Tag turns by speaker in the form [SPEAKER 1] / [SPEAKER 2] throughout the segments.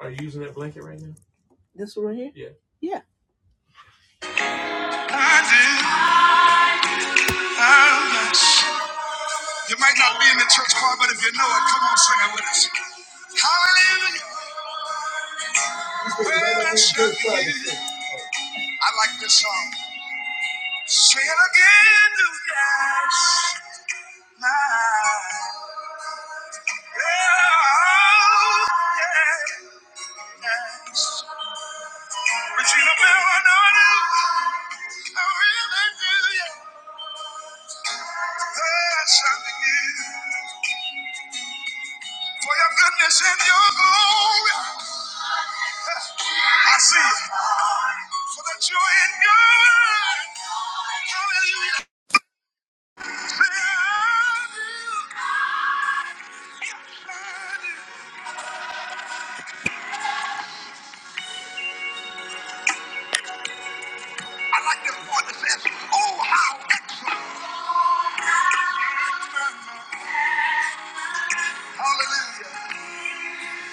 [SPEAKER 1] Are you using that blanket right now? This one right here? Yeah. Yeah. You might not be in the church choir, but if you know it, come on, sing it with us. Hallelujah. Worship you. I like this song. Say it again, do yes, my yeah, oh, yes. Regina Bell, I know I do. I really do, yeah. Worship you. For your goodness and your glory, I see it. For the joy and good. Hallelujah. Say, I will I like this part that says, Oh, how excellent. Hallelujah. Is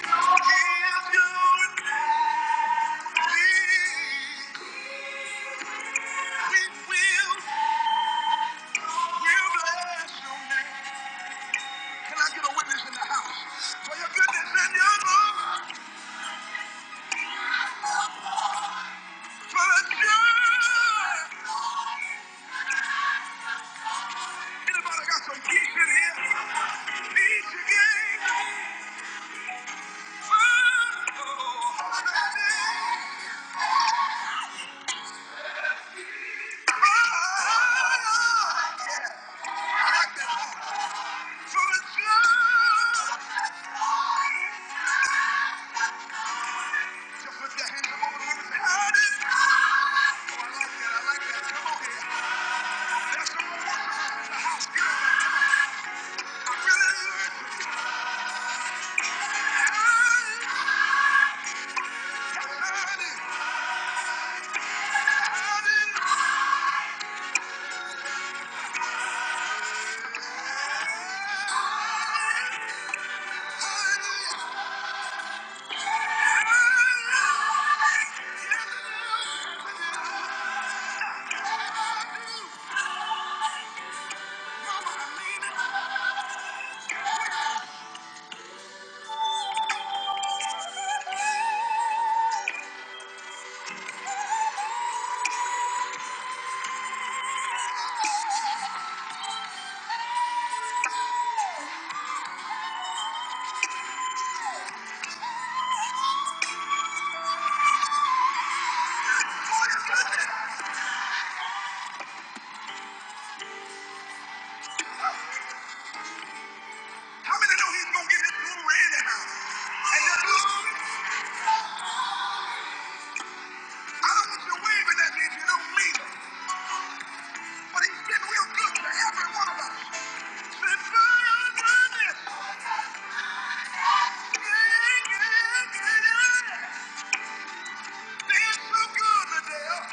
[SPEAKER 1] your name. We will, we'll bless your name. Can I get a witness in the house? For your goodness and your love, for the joy. Anybody got some peace in here? Peace you gave me. Oh, oh, oh, I like that song. For the joy. Just put your hands up over the room and say, "I did." Oh, I like that, I like that. Come on here. That's the one I really learned. I did, I did, I did. How many know he's gonna get his little red out? And that little, I don't want you. to wave at that bitch, you don't mean it. But he's been real good good, to every one of us. Since I learned this, yeah, yeah, yeah. They're so good, Liddell,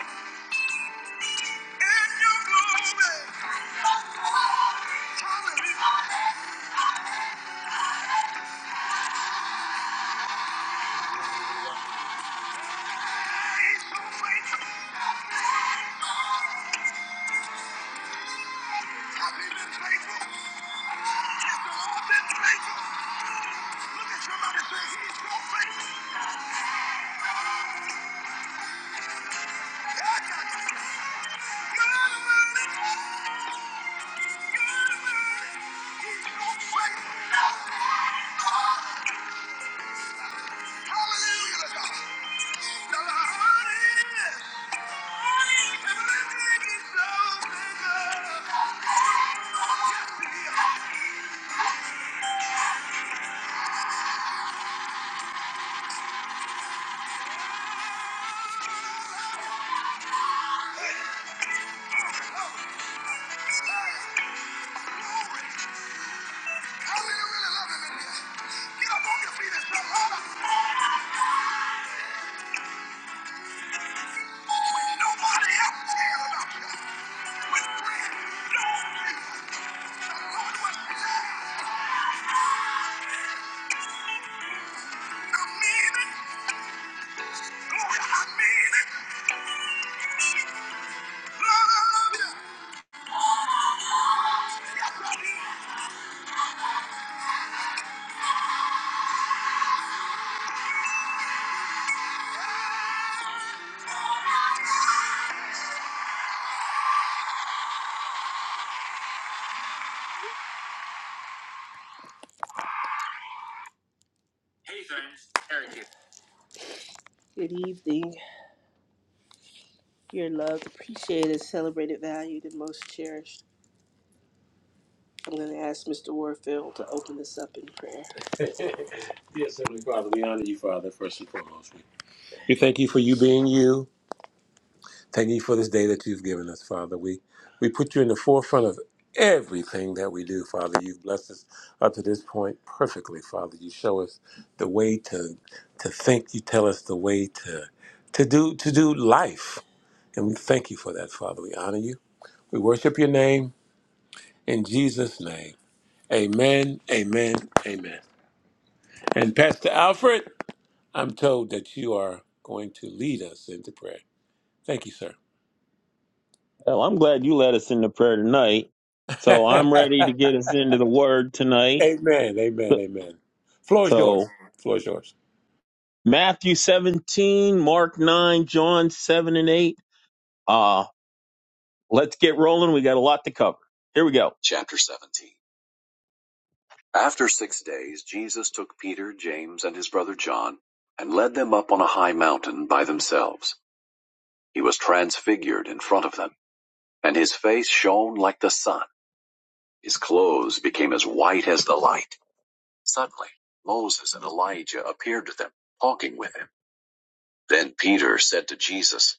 [SPEAKER 1] And your glory. Hallelujah. How do you really love him in here? Get up on your feet and say, Lord, I- when nobody else cared about you, when friends don't you, the Lord was there. I mean it. Glory, I mean it. Lord, I love you. Yes, I do. Good evening. Your loved, appreciated, celebrated, valued, and most cherished. I'm going to ask Mr. Warfield to open this up in prayer. yes, Heavenly Father, we honor you, Father, first and foremost. We thank you for you being you. Thank you for this day that you've given us, Father. We we put you in the forefront of everything that we do, Father. You've blessed us up to this point perfectly, Father. You show us the way to to think. You tell us the way to to do to do life. And we thank you for that, Father. We honor you. We worship your name in Jesus' name. Amen. Amen. Amen. And Pastor Alfred, I'm told that you are going to lead us into prayer. Thank you, sir.
[SPEAKER 2] Well, I'm glad you led us into prayer tonight. So I'm ready to
[SPEAKER 1] amen.
[SPEAKER 2] get us into the word tonight.
[SPEAKER 1] Amen. Amen. Floor is yours.
[SPEAKER 2] So
[SPEAKER 1] Floor is yours.
[SPEAKER 2] Matthew 17, Mark 9, John 7 and 8. Uh, let's get rolling. We got a lot to cover. Here we go. Chapter 17. After six days, Jesus took Peter, James, and his brother John, and led them up on a high mountain by themselves. He was transfigured in front of them, and his face shone like the sun. His clothes became as white as the light. Suddenly, Moses and Elijah appeared to them, talking with him. Then Peter said to Jesus,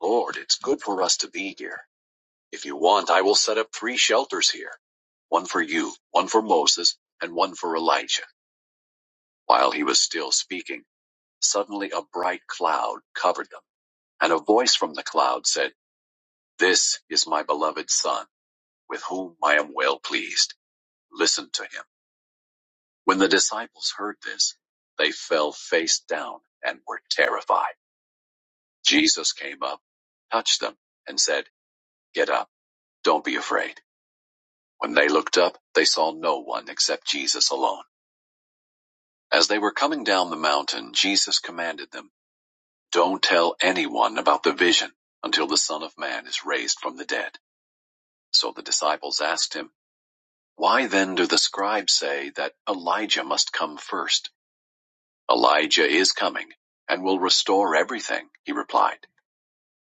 [SPEAKER 2] Lord, it's good for us to be here. If you want, I will set up three shelters here one for you, one for Moses, and one for Elijah. While he was still speaking, suddenly a bright cloud covered them, and a voice from the cloud said, This is my beloved Son, with whom I am well pleased. Listen to him. When the disciples heard this, they fell face down and were terrified. Jesus came up, touched them, and said, Get up, don't be afraid. When they looked up, they saw no one except Jesus alone. As they were coming down the mountain, Jesus commanded them, Don't tell anyone about the vision until the Son of Man is raised from the dead. So the disciples asked him, Why then do the scribes say that Elijah must come first?" Elijah is coming and will restore everything, he replied.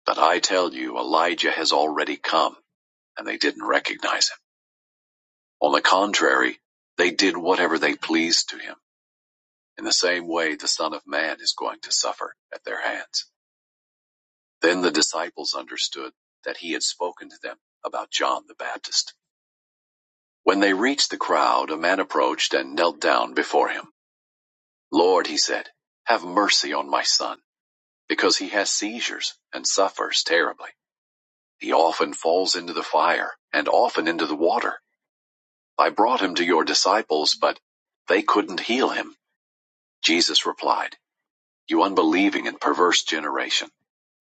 [SPEAKER 2] But I tell you, Elijah has already come, and they didn't recognize him On the contrary, they did whatever they pleased to him. In the same way, the Son of Man is going to suffer at their hands. Then the disciples understood that he had spoken to them about John the Baptist. When they reached the crowd, a man approached and knelt down before him. Lord, he said, have mercy on my son, because he has seizures and suffers terribly. He often falls into the fire and often into the water. I brought him to your disciples, but they couldn't heal him. Jesus replied, You unbelieving and perverse generation,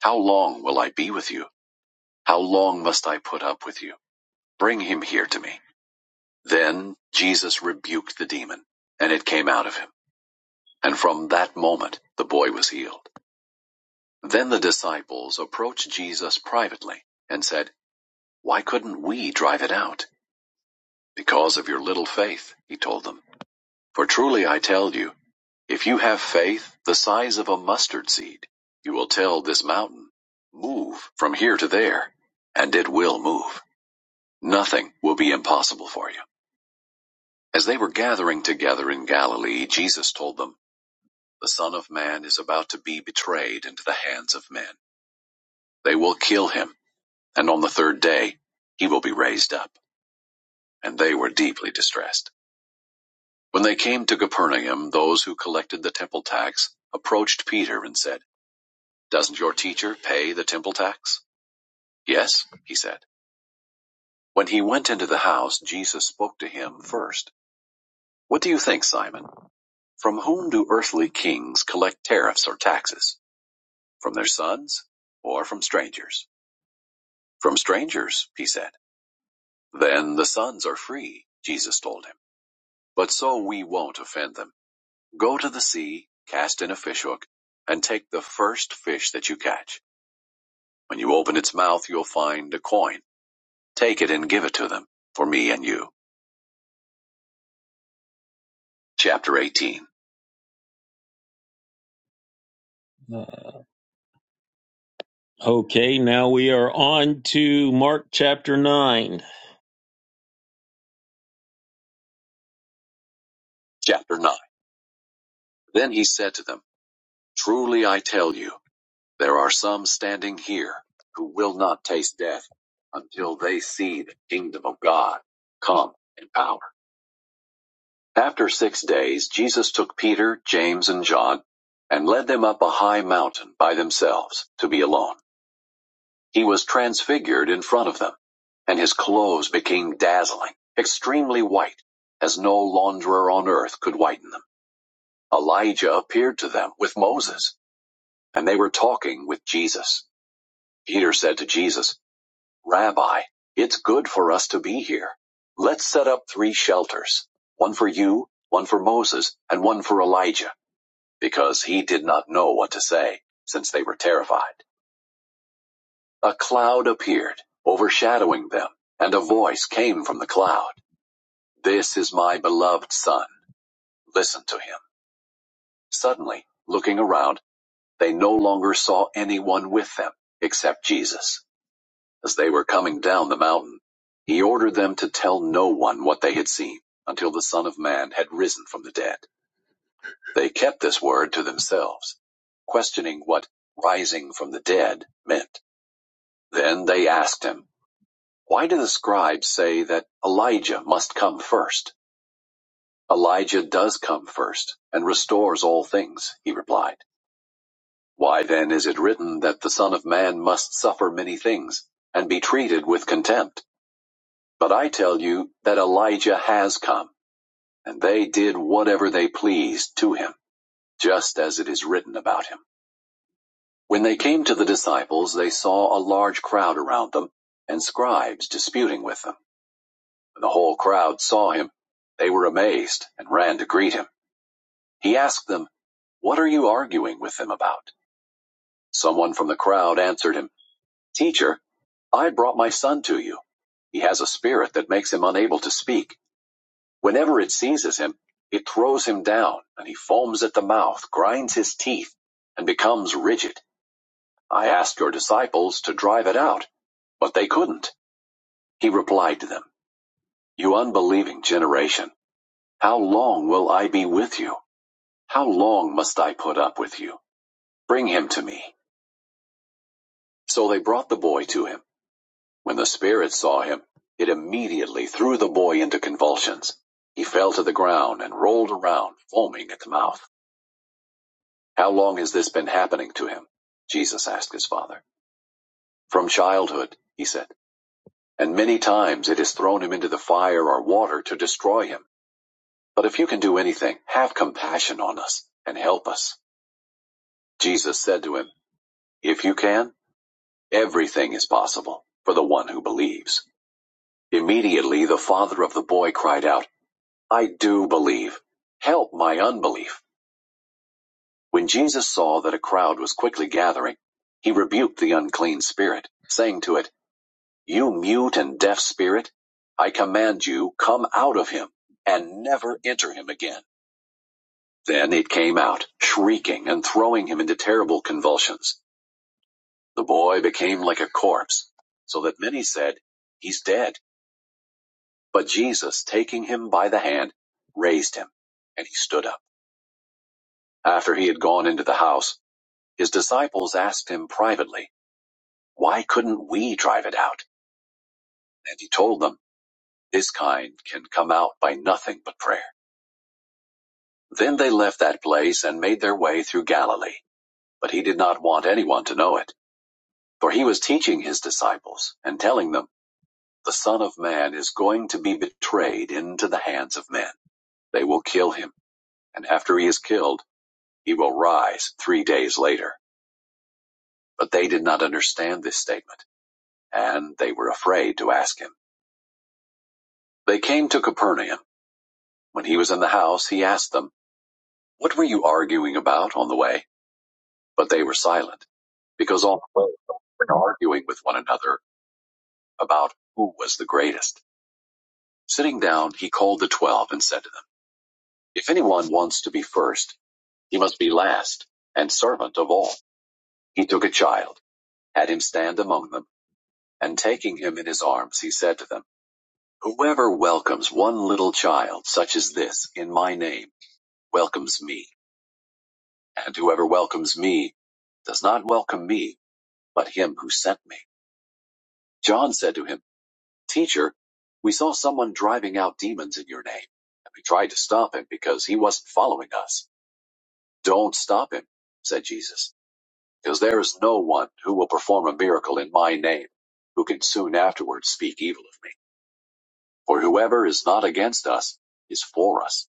[SPEAKER 2] how long will I be with you? How long must I put up with you? Bring him here to me. Then Jesus rebuked the demon, and it came out of him. And from that moment the boy was healed. Then the disciples approached Jesus privately and said, Why couldn't we drive it out? Because of your little faith, he told them. For truly I tell you, If you have faith the size of a mustard seed, you will tell this mountain, Move from here to there, and it will move. Nothing will be impossible for you. As they were gathering together in Galilee, Jesus told them, The Son of Man is about to be betrayed into the hands of men. They will kill him, and on the third day he will be raised up. And they were deeply distressed. When they came to Capernaum, those who collected the temple tax approached Peter and said, Doesn't your teacher pay the temple tax? Yes, he said. When he went into the house, Jesus spoke to him first. What do you think, Simon? From whom do earthly kings collect tariffs or taxes? From their sons or from strangers? From strangers, he said. Then the sons are free, Jesus told him. But so we won't offend them. Go to the sea, cast in a fishhook, and take the first fish that you catch. When you open its mouth, you'll find a coin. Take it and give it to them for me and you. Chapter 18. Uh, Okay, now we are on to Mark chapter 9. Chapter 9. Then he said to them, Truly I tell you, there are some standing here who will not taste death until they see the kingdom of God come in power. After six days, Jesus took Peter, James, and John and led them up a high mountain by themselves to be alone. He was transfigured in front of them, and his clothes became dazzling, extremely white, as no launderer on earth could whiten them. Elijah appeared to them with Moses, and they were talking with Jesus. Peter said to Jesus, Rabbi, it's good for us to be here. Let's set up three shelters, one for you, one for Moses, and one for Elijah, because he did not know what to say, since they were terrified. A cloud appeared, overshadowing them, and a voice came from the cloud. This is my beloved son. Listen to him. Suddenly, looking around, they no longer saw anyone with them, except Jesus. As they were coming down the mountain, he ordered them to tell no one what they had seen until the Son of Man had risen from the dead. They kept this word to themselves, questioning what rising from the dead meant. Then they asked him, Why do the scribes say that Elijah must come first? Elijah does come first and restores all things, he replied. Why then is it written that the Son of Man must suffer many things and be treated with contempt? But I tell you that Elijah has come, and they did whatever they pleased to him, just as it is written about him. When they came to the disciples, they saw a large crowd around them and scribes disputing with them. When the whole crowd saw him, they were amazed and ran to greet him. He asked them, What are you arguing with them about? Someone from the crowd answered him, Teacher, I brought my son to you. He has a spirit that makes him unable to speak. Whenever it seizes him, it throws him down, and he foams at the mouth, grinds his teeth, and becomes rigid. I asked your disciples to drive it out, but they couldn't. He replied to them, You unbelieving generation, how long will I be with you? How long must I put up with you? Bring him to me. So they brought the boy to him. When the spirit saw him, it immediately threw the boy into convulsions. He fell to the ground and rolled around, foaming at the mouth. How long has this been happening to him? Jesus asked his father. From childhood, he said. And many times it has thrown him into the fire or water to destroy him. But if you can do anything, have compassion on us and help us. Jesus said to him, If you can, Everything is possible for the one who believes. Immediately the father of the boy cried out, I do believe. Help my unbelief. When Jesus saw that a crowd was quickly gathering, he rebuked the unclean spirit, saying to it, You mute and deaf spirit, I command you, come out of him and never enter him again. Then it came out, shrieking and throwing him into terrible convulsions. The boy became like a corpse, so that many said, He's dead. But Jesus, taking him by the hand, raised him, and he stood up. After he had gone into the house, his disciples asked him privately, Why couldn't we drive it out? And he told them, This kind can come out by nothing but prayer. Then they left that place and made their way through Galilee. But he did not want anyone to know it, for he was teaching his disciples and telling them, The Son of Man is going to be betrayed into the hands of men. They will kill him, and after he is killed, He will rise three days later. But they did not understand this statement, and they were afraid to ask him. They came to Capernaum. When he was in the house, he asked them, What were you arguing about on the way? But they were silent, because all the way they were arguing with one another about who was the greatest. Sitting down, he called the twelve and said to them, If anyone wants to be first, he must be last and servant of all. He took a child, had him stand among them, and taking him in his arms, he said to them, Whoever welcomes one little child such as this in my name welcomes me, and whoever welcomes me does not welcome me, but him who sent me. John said to him, Teacher, we saw someone driving out demons in your name, and we tried to stop him because he wasn't following us. Don't stop him, said Jesus, because there is no one who will perform a miracle in my name who can soon afterwards speak evil of me. For whoever is not against us is for us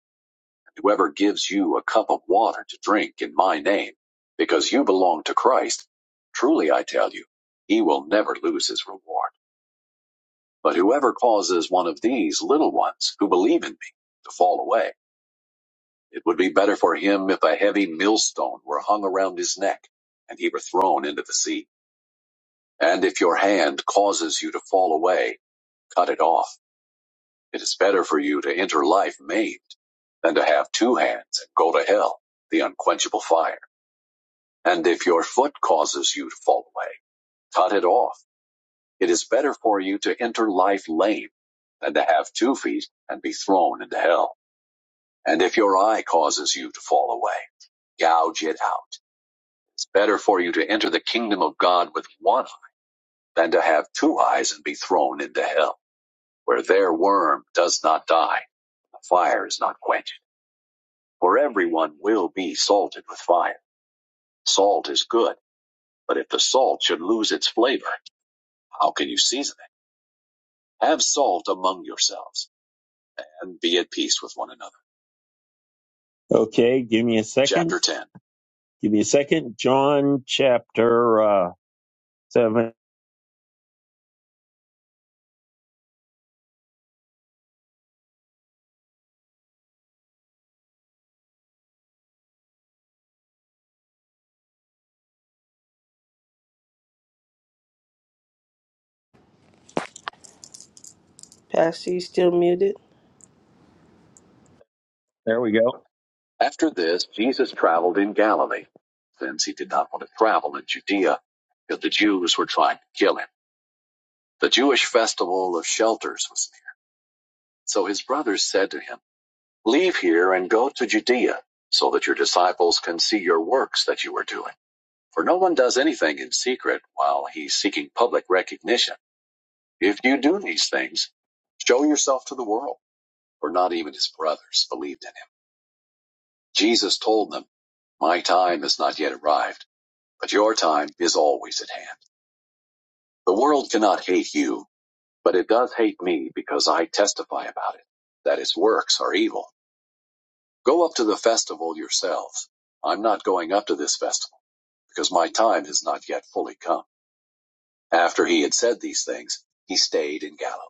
[SPEAKER 2] Whoever gives you a cup of water to drink in my name, because you belong to Christ, truly I tell you, he will never lose his reward. But whoever causes one of these little ones who believe in me to fall away, it would be better for him if a heavy millstone were hung around his neck and he were thrown into the sea. And if your hand causes you to fall away, cut it off. It is better for you to enter life maimed than to have two hands and go to hell, the unquenchable fire. And if your foot causes you to fall away, cut it off. It is better for you to enter life lame than to have two feet and be thrown into hell. And if your eye causes you to fall away, gouge it out. It's better for you to enter the kingdom of God with one eye than to have two eyes and be thrown into hell, where their worm does not die, the fire is not quenched. For everyone will be salted with fire. Salt is good, but if the salt should lose its flavor, how can you season? it? Have salt among yourselves and be at peace with one another. Okay, give me a second. Chapter 10. Give me a second. John chapter uh, 7.
[SPEAKER 1] Pastor, you still muted?
[SPEAKER 2] There we go. After this, Jesus traveled in Galilee, since he did not want to travel in Judea, because the Jews were trying to kill him. The Jewish festival of shelters was near. So his brothers said to him, Leave here and go to Judea, so that your disciples can see your works that you are doing. For no one does anything in secret while he's seeking public recognition. If you do these things, show yourself to the world, for not even his brothers believed in him. Jesus told them, My time has not yet arrived, but your time is always at hand. The world cannot hate you, but it does hate me because I testify about it, that its works are evil. Go up to the festival yourselves. I'm not going up to this festival, because my time has not yet fully come. After he had said these things, he stayed in Galilee.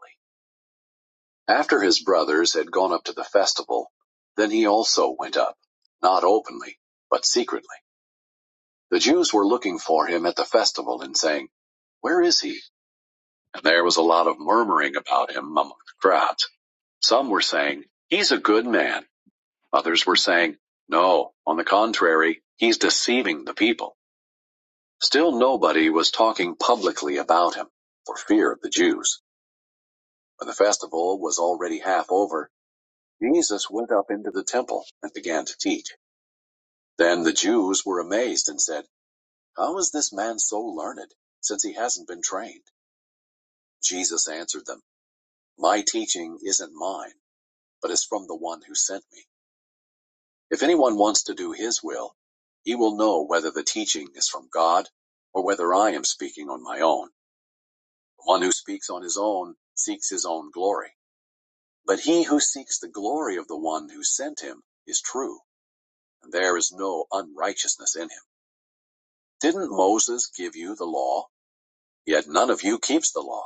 [SPEAKER 2] After his brothers had gone up to the festival, then he also went up, not openly, but secretly. The Jews were looking for him at the festival and saying, Where is he? And there was a lot of murmuring about him among the crowds. Some were saying, He's a good man. Others were saying, No, on the contrary, he's deceiving the people. Still nobody was talking publicly about him for fear of the Jews. When the festival was already half over, Jesus went up into the temple and began to teach. Then the Jews were amazed and said, How is this man so learned, since he hasn't been trained? Jesus answered them, My teaching isn't mine, but is from the one who sent me. If anyone wants to do his will, he will know whether the teaching is from God or whether I am speaking on my own. The one who speaks on his own seeks his own glory. But he who seeks the glory of the one who sent him is true and there is no unrighteousness in him. Didn't Moses give you the law? Yet none of you keeps the law.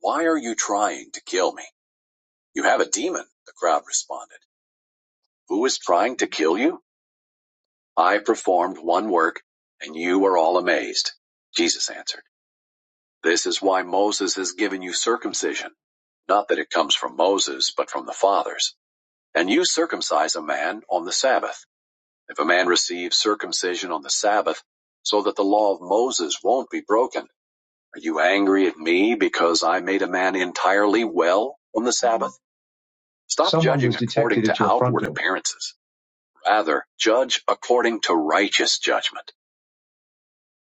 [SPEAKER 2] Why are you trying to kill me? You have a demon, the crowd responded. Who is trying to kill you? I performed one work, and you were all amazed. Jesus answered, This is why Moses has given you circumcision. Not that it comes from Moses, but from the fathers. And you circumcise a man on the Sabbath. If a man receives circumcision on the Sabbath, so that the law of Moses won't be broken, are you angry at me because I made a man entirely well on the Sabbath? Stop Someone judging according to outward appearances. Rather, judge according to righteous judgment.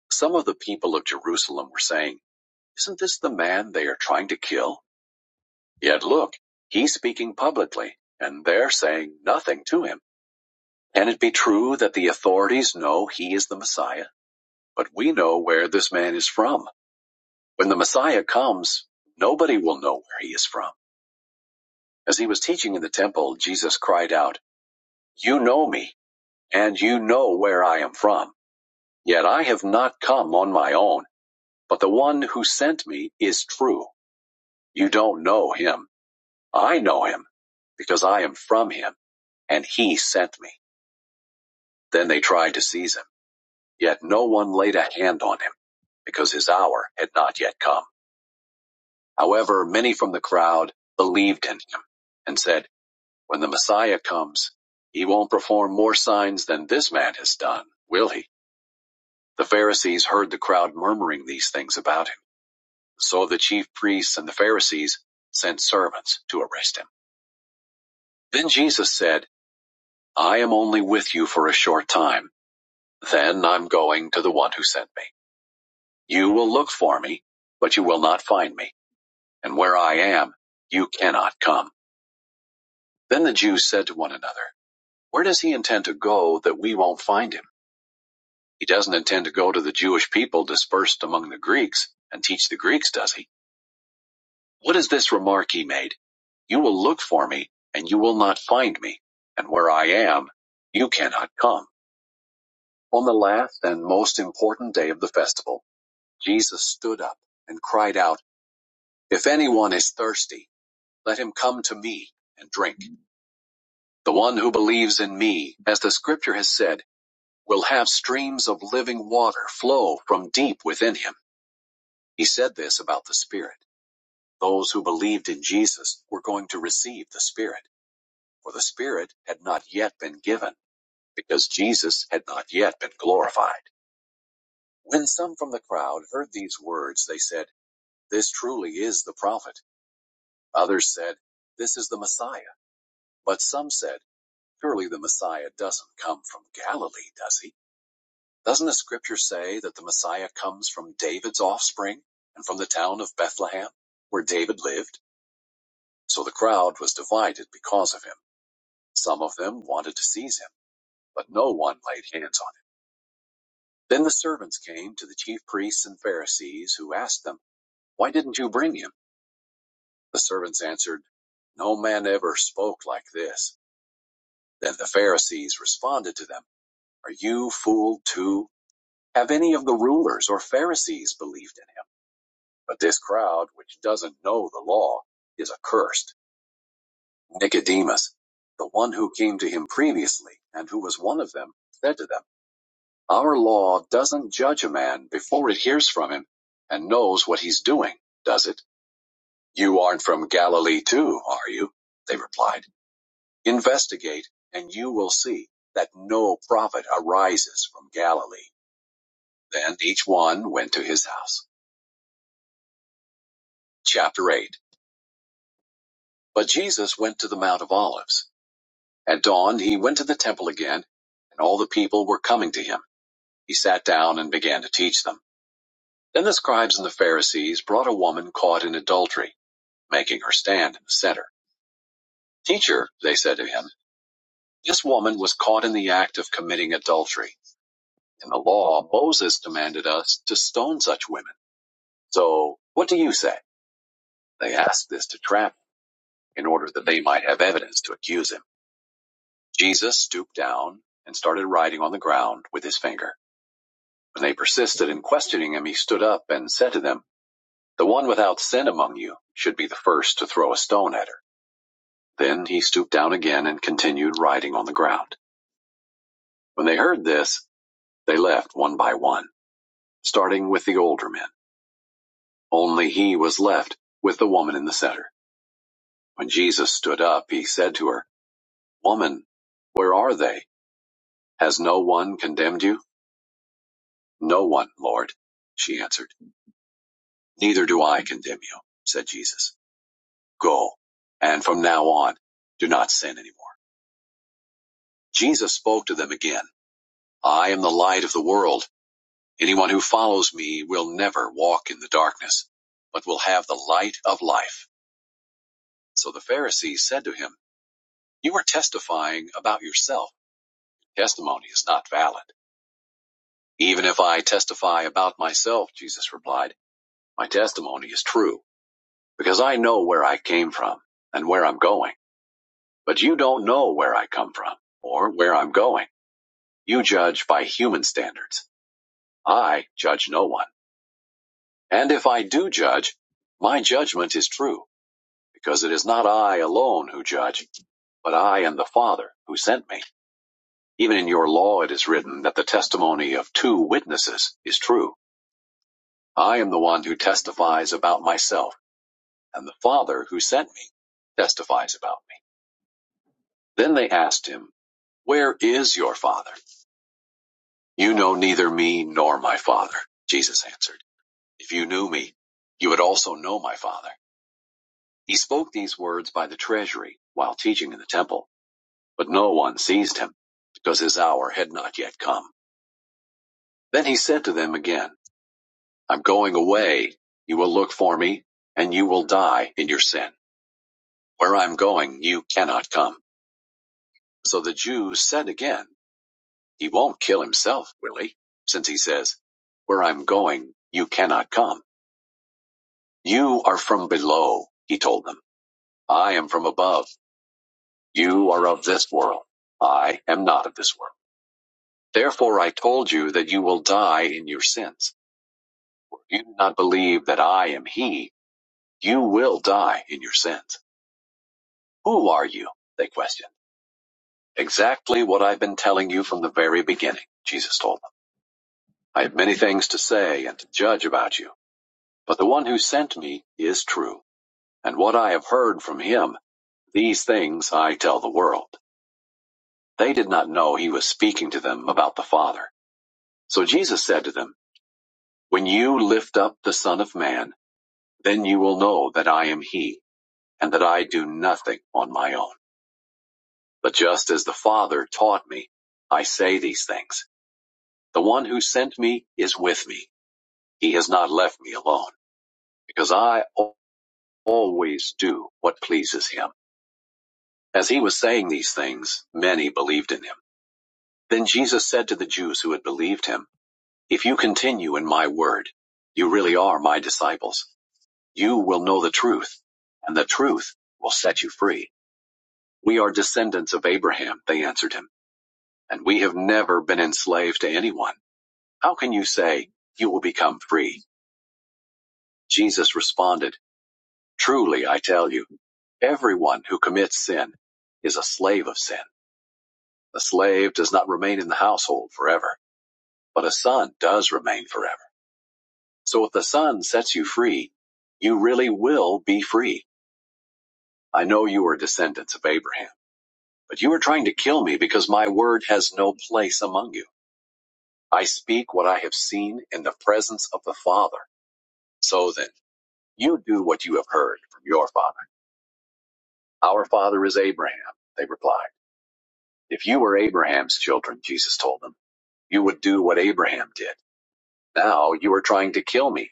[SPEAKER 2] Some of the people of Jerusalem were saying, Isn't this the man they are trying to kill? Yet look, he's speaking publicly, and they're saying nothing to him. Can it be true that the authorities know he is the Messiah? But we know where this man is from. When the Messiah comes, nobody will know where he is from. As he was teaching in the temple, Jesus cried out, You know me, and you know where I am from. Yet I have not come on my own, but the one who sent me is true. You don't know him. I know him, because I am from him, and he sent me. Then they tried to seize him, yet no one laid a hand on him, because his hour had not yet come. However, many from the crowd believed in him and said, When the Messiah comes, he won't perform more signs than this man has done, will he? The Pharisees heard the crowd murmuring these things about him. So the chief priests and the Pharisees sent servants to arrest him. Then Jesus said, I am only with you for a short time. Then I'm going to the one who sent me. You will look for me, but you will not find me. And where I am, you cannot come. Then the Jews said to one another, Where does he intend to go that we won't find him? He doesn't intend to go to the Jewish people dispersed among the Greeks and teach the Greeks, does he? What is this remark he made? You will look for me, and you will not find me, and where I am, you cannot come. On the last and most important day of the festival, Jesus stood up and cried out, If anyone is thirsty, let him come to me and drink. The one who believes in me, as the scripture has said, will have streams of living water flow from deep within him. He said this about the Spirit. Those who believed in Jesus were going to receive the Spirit, for the Spirit had not yet been given, because Jesus had not yet been glorified. When some from the crowd heard these words, they said, This truly is the prophet. Others said, This is the Messiah. But some said, Surely the Messiah doesn't come from Galilee, does he? Doesn't the scripture say that the Messiah comes from David's offspring and from the town of Bethlehem, where David lived? So the crowd was divided because of him. Some of them wanted to seize him, but no one laid hands on him. Then the servants came to the chief priests and Pharisees, who asked them, Why didn't you bring him? The servants answered, No man ever spoke like this. Then the Pharisees responded to them, Are you fooled too? Have any of the rulers or Pharisees believed? in But this crowd, which doesn't know the law, is accursed. Nicodemus, the one who came to him previously and who was one of them, said to them, Our law doesn't judge a man before it hears from him and knows what he's doing, does it? You aren't from Galilee too, are you? They replied, Investigate, and you will see that no prophet arises from Galilee. Then each one went to his house. Chapter 8. But Jesus went to the Mount of Olives. At dawn he went to the temple again, and all the people were coming to him. He sat down and began to teach them. Then the scribes and the Pharisees brought a woman caught in adultery, making her stand in the center. Teacher, they said to him, this woman was caught in the act of committing adultery. In the law, Moses commanded us to stone such women. So, what do you say? They asked this to trap him in order that they might have evidence to accuse him. Jesus stooped down and started writing on the ground with his finger. When they persisted in questioning him, he stood up and said to them, The one without sin among you should be the first to throw a stone at her. Then he stooped down again and continued writing on the ground. When they heard this, they left one by one, starting with the older men. Only he was left with the woman in the center. When Jesus stood up, he said to her, Woman, where are they? Has no one condemned you? No one, Lord, she answered. Neither do I condemn you, said Jesus. Go, and from now on, do not sin anymore. Jesus spoke to them again. I am the light of the world. Anyone who follows me will never walk in the darkness, but will have the light of life. So the Pharisees said to him, You are testifying about yourself. Testimony is not valid. Even if I testify about myself, Jesus replied, my testimony is true, because I know where I came from and where I'm going. But you don't know where I come from or where I'm going. You judge by human standards. I judge no one. And if I do judge, my judgment is true, because it is not I alone who judge, but I and the Father who sent me. Even in your law it is written that the testimony of two witnesses is true. I am the one who testifies about myself, and the Father who sent me testifies about me. Then they asked him, Where is your Father? You know neither me nor my Father, Jesus answered. If you knew me, you would also know my father. He spoke these words by the treasury while teaching in the temple, but no one seized him, because his hour had not yet come. Then he said to them again, I'm going away. You will look for me, and you will die in your sin. Where I'm going, you cannot come. So the Jews said again, He won't kill himself, will he? Since he says, Where I'm going, you cannot come. You are from below, he told them. I am from above. You are of this world. I am not of this world. Therefore I told you that you will die in your sins. If you do not believe that I am he, you will die in your sins. Who are you? They questioned. Exactly what I've been telling you from the very beginning, Jesus told them. I have many things to say and to judge about you, but the one who sent me is true, and what I have heard from him, these things I tell the world. They did not know he was speaking to them about the Father. So Jesus said to them, When you lift up the Son of Man, then you will know that I am he, and that I do nothing on my own. But just as the Father taught me, I say these things. The one who sent me is with me. He has not left me alone, because I always do what pleases him. As he was saying these things, many believed in him. Then Jesus said to the Jews who had believed him, If you continue in my word, you really are my disciples. You will know the truth, and the truth will set you free. We are descendants of Abraham, they answered him, and we have never been enslaved to anyone. How can you say you will become free? Jesus responded, Truly I tell you, everyone who commits sin is a slave of sin. The slave does not remain in the household forever, but a son does remain forever. So if the son sets you free, you really will be free. I know you are descendants of Abraham But you are trying to kill me because my word has no place among you. I speak what I have seen in the presence of the Father. So then, you do what you have heard from your father. Our father is Abraham, they replied. If you were Abraham's children, Jesus told them, you would do what Abraham did. Now you are trying to kill me,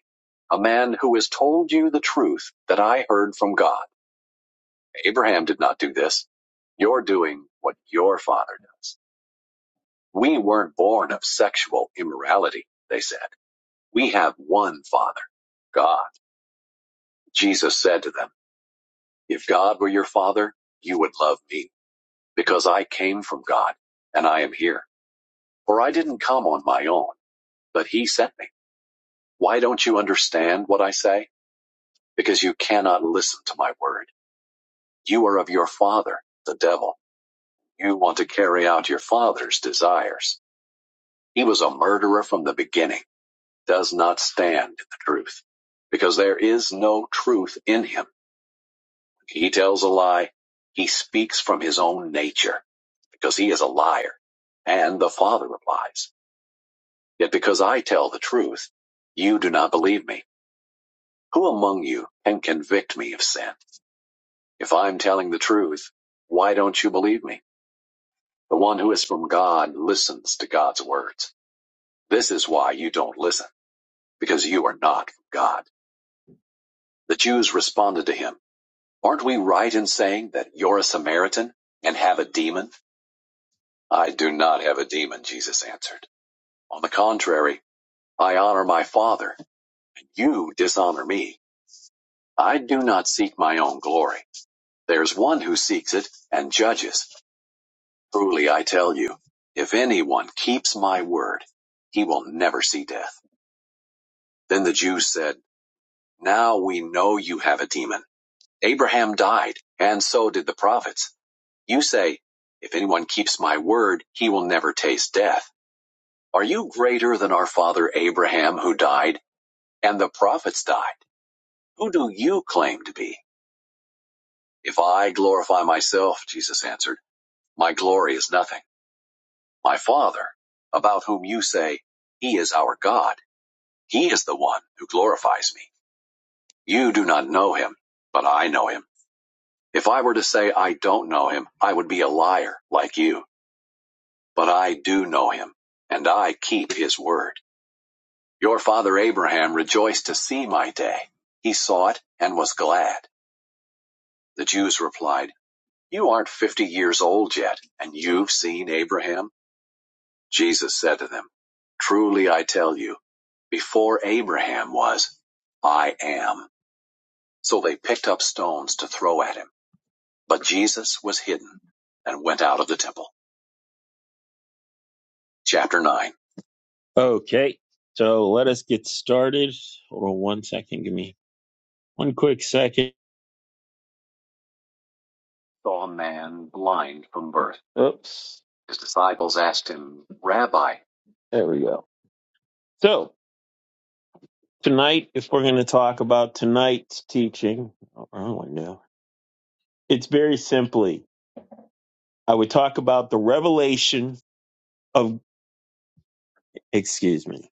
[SPEAKER 2] a man who has told you the truth that I heard from God. Abraham did not do this. You're doing what your father does. We weren't born of sexual immorality, they said. We have one Father, God. Jesus said to them, If God were your Father, you would love me, because I came from God, and I am here. For I didn't come on my own, but He sent me. Why don't you understand what I say? Because you cannot listen to my word. You are of your Father, the devil. You want to carry out your Father's desires. He was a murderer from the beginning, does not stand in the truth, because there is no truth in him. He tells a lie. He speaks from his own nature because he is a liar. And the Father replies, Yet because I tell the truth, you do not believe me. Who among you can convict me of sin? If I'm telling the truth, why don't you believe me? The one who is from God listens to God's words. This is why you don't listen, because you are not from God. The Jews responded to him, Aren't we right in saying that you're a Samaritan and have a demon? I do not have a demon, Jesus answered. On the contrary, I honor my Father, and you dishonor me. I do not seek my own glory. There's one who seeks it and judges. Truly I tell you, if anyone keeps my word, he will never see death. Then the Jews said, Now we know you have a demon. Abraham died, and so did the prophets. You say, If anyone keeps my word, he will never taste death. Are you greater than our father Abraham, who died, and the prophets died? Who do you claim to be? If I glorify myself, Jesus answered, my glory is nothing. My Father, about whom you say, He is our God, He is the one who glorifies me. You do not know Him, but I know Him. If I were to say I don't know Him, I would be a liar like you. But I do know Him, and I keep His word. Your father Abraham rejoiced to see my day. He saw it and was glad. The Jews replied, You aren't fifty years old yet, and you've seen Abraham? Jesus said to them, Truly I tell you, before Abraham was, I am. So they picked up stones to throw at him. But Jesus was hidden and went out of the temple. Chapter 9. Okay, so let us get started. Hold on one second. Give me one quick second. saw a man blind from birth. Oops. His disciples asked him, Rabbi, There we go. So tonight, if we're going to talk about tonight's teaching, oh, wrong one now. It's very simply, I would talk about the revelation of. Excuse me.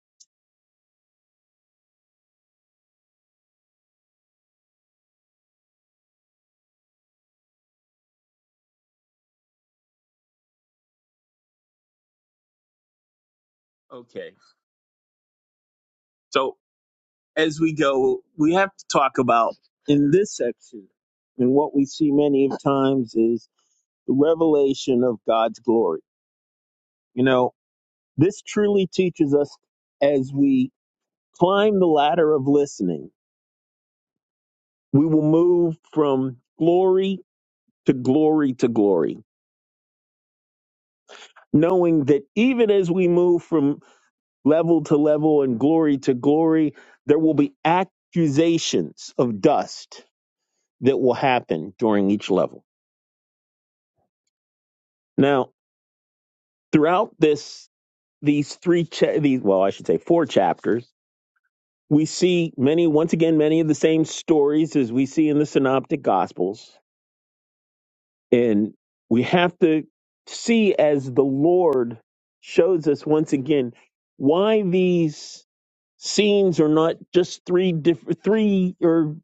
[SPEAKER 2] Okay. So as we go, we have to talk about in this section, and what we see many of times is the revelation of God's glory. You know, This truly teaches us as we climb the ladder of listening, we will move from glory to glory to glory, knowing that even as we move from level to level and glory to glory, there will be accusations of dust that will happen during each level. Now, throughout this, these three, cha- these well, I should say four chapters, we see many, once again, many of the same stories as we see in the Synoptic Gospels And we have to see as the Lord shows us once again why these scenes are not just three different three or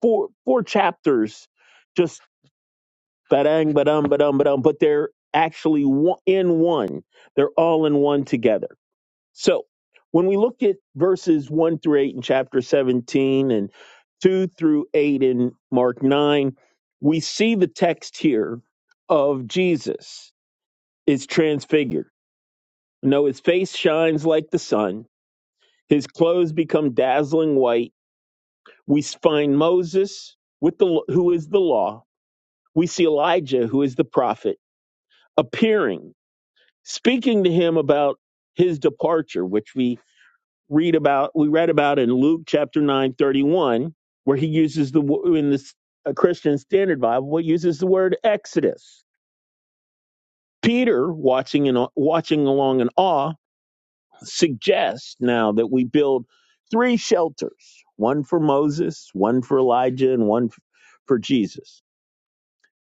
[SPEAKER 2] four four chapters just badang badam badam badam, but they're actually one- in one they're all in one together so when we look at verses 1 through 8 in chapter 17 and 2 through 8 in Mark 9, we see the text here of Jesus is transfigured. No, his face shines like the sun, his clothes become dazzling white. We find Moses with the who is the law. We see Elijah who is the prophet appearing, speaking to him about his departure, which we read about we read about in Luke chapter 9 31 where he uses the wo- in this uh, Christian Standard Bible what uses the word exodus Peter watching and watching along in awe suggests now that we build three shelters one for Moses one for Elijah and one f- for Jesus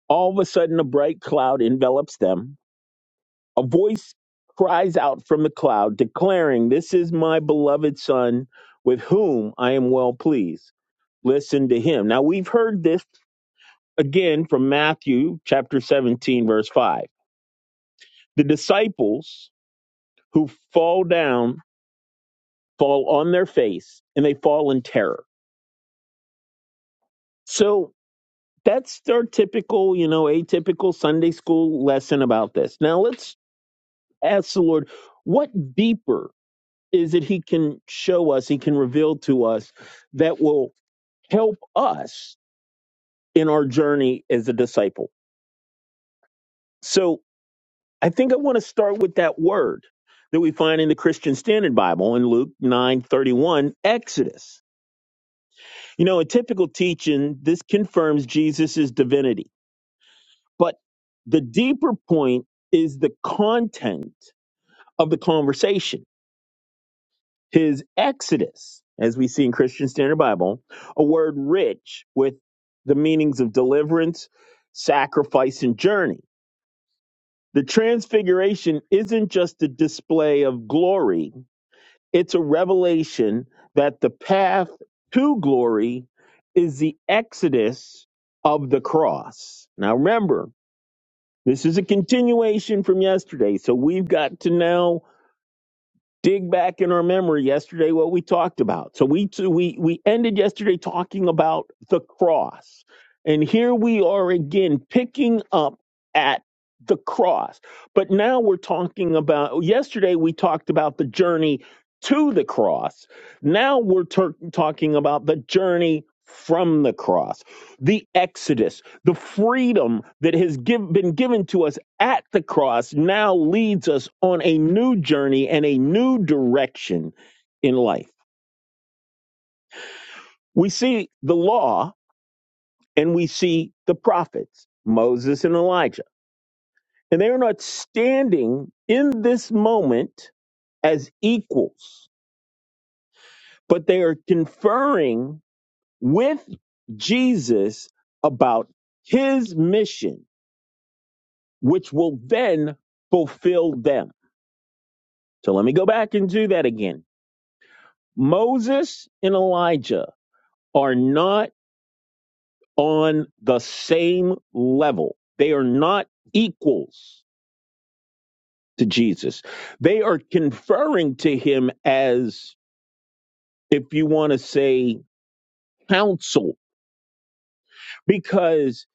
[SPEAKER 2] all of a sudden a bright cloud envelops them A voice cries out from the cloud, declaring, This is my beloved Son, with whom I am well pleased. Listen to him. Now, we've heard this again from Matthew chapter 17, verse 5. The disciples who fall down fall on their face and they fall in terror. So, that's our typical, you know, atypical Sunday school lesson about this. Now, let's ask the Lord, what deeper is that he can show us, he can reveal to us that will help us in our journey as a disciple. So I think I want to start with that word that we find in the Christian Standard Bible in Luke 9:31, Exodus. You know, in typical teaching, this confirms Jesus' divinity. But the deeper point is the content of the conversation his exodus, as we see in Christian Standard Bible, a word rich with the meanings of deliverance, sacrifice, and journey. The transfiguration isn't just a display of glory, it's a revelation that the path to glory is the exodus of the cross. Now, remember, this is a continuation from yesterday, so we've got to now. dig back in our memory yesterday what we talked about. So we t- we we ended yesterday talking about the cross. And here we are again picking up at the cross. But now we're talking about yesterday we talked about the journey to the cross. Now we're tur talking about the journey from the cross, the exodus, the freedom that has give, been given to us at the cross now leads us on a new journey and a new direction in life. We see the law and we see the prophets, Moses and Elijah. And they are not standing in this moment as equals, but they are conferring with Jesus about his mission, which will then fulfill them. So let me go back and do that again. Moses and Elijah are not on the same level. They are not equals to Jesus. They are conferring to him as, if you want to say, counsel, because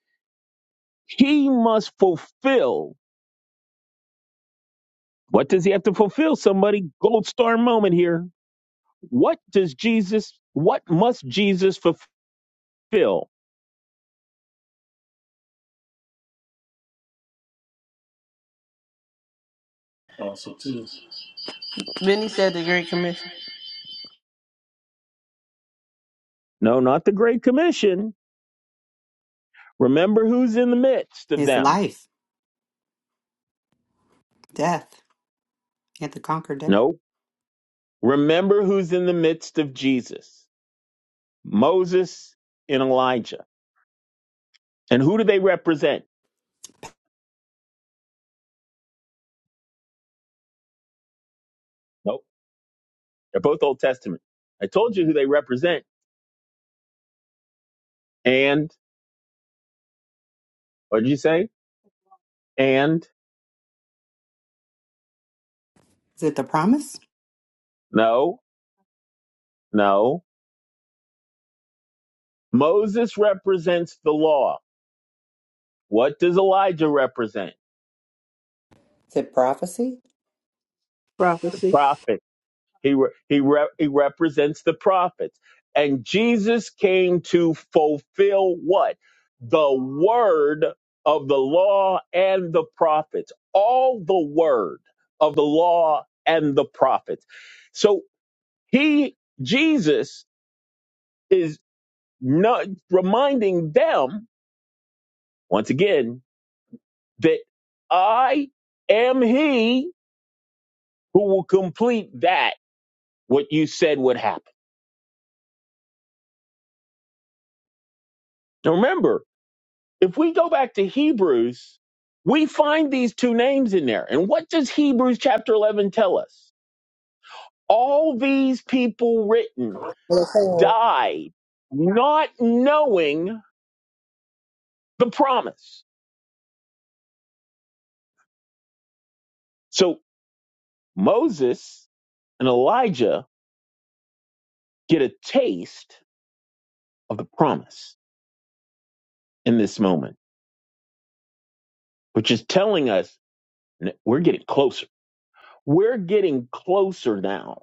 [SPEAKER 2] he must fulfill. What does he have to fulfill? Somebody, gold star moment here. What does Jesus, what must Jesus fulfill?
[SPEAKER 1] Also, too. Vinny said the Great Commission.
[SPEAKER 2] No, not the Great Commission. Remember who's in the midst of
[SPEAKER 3] It's
[SPEAKER 2] them.
[SPEAKER 3] life, death. You have to conquer death.
[SPEAKER 2] No. Remember who's in the midst of Jesus Moses and Elijah. And who do they represent? Nope. They're both Old Testament. I told you who they represent. And, what did you say? And,
[SPEAKER 3] Is it the promise?
[SPEAKER 2] no, no. Moses represents the law. What does Elijah represent?
[SPEAKER 3] Is it prophecy?
[SPEAKER 2] The
[SPEAKER 1] Prophecy.
[SPEAKER 2] prophet. He re- he re- he represents the prophets. And Jesus came to fulfill what? The word of the law and the prophets. All the word of the law and the prophets. So he Jesus is not reminding them once again that I am he who will complete that what you said would happen. Now remember, If we go back to Hebrews, we find these two names in there. And what does Hebrews chapter 11 tell us? All these people written
[SPEAKER 1] So
[SPEAKER 2] died not knowing the promise. So Moses and Elijah get a taste of the promise in this moment, which is telling us n- we're getting closer. We're getting closer now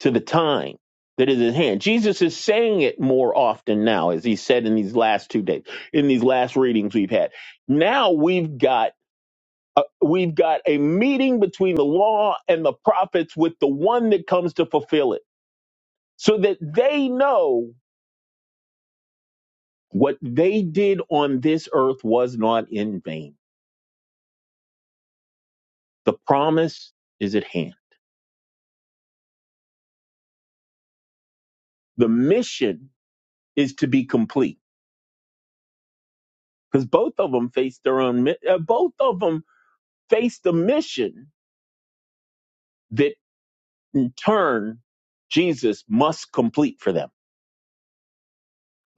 [SPEAKER 2] to the time that is at hand. Jesus is saying it more often now, as he said in these last two days, in these last readings we've had. Now we've got uh, we've got a meeting between the law and the prophets with the one that comes to fulfill it, so that they know what they did on this earth was not in vain. The promise is at hand. The mission is to be complete because both of them face their own. mi- Uh, both of them face the mission In turn, Jesus must complete for them.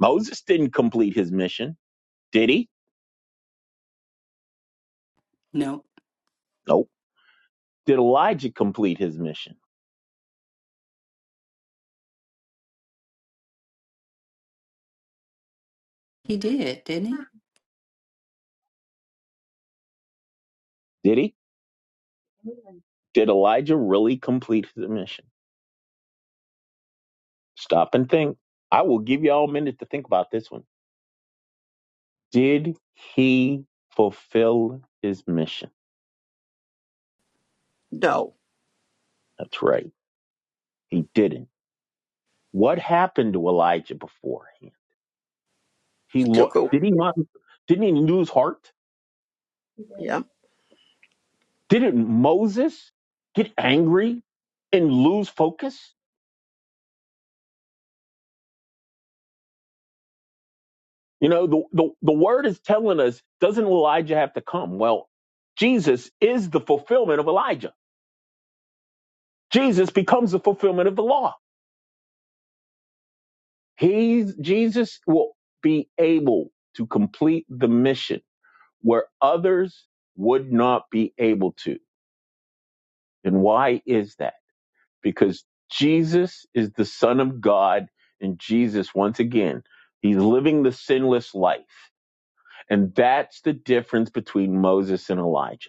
[SPEAKER 2] Moses didn't complete his mission, did he?
[SPEAKER 3] No.
[SPEAKER 2] Nope. Did Elijah complete his mission?
[SPEAKER 3] He did, didn't he?
[SPEAKER 2] Did he? Did Elijah really complete his mission? Stop and think. I will give you all a minute to think about this one. Did he fulfill his mission?
[SPEAKER 4] No,
[SPEAKER 2] That's right. He didn't. What happened to Elijah beforehand? He
[SPEAKER 4] he
[SPEAKER 2] lo-
[SPEAKER 4] took a
[SPEAKER 2] did he not didn't he lose heart?
[SPEAKER 4] yeah.
[SPEAKER 2] Didn't Moses get angry and lose focus? You know, the, the, the word is telling us, doesn't Elijah have to come? Well, Jesus is the fulfillment of Elijah. Jesus becomes the fulfillment of the law. He's, Jesus will be able to complete the mission where others would not be able to. And why is that? Because Jesus is the Son of God, and Jesus, once again, he's living the sinless life. And that's the difference between Moses and Elijah.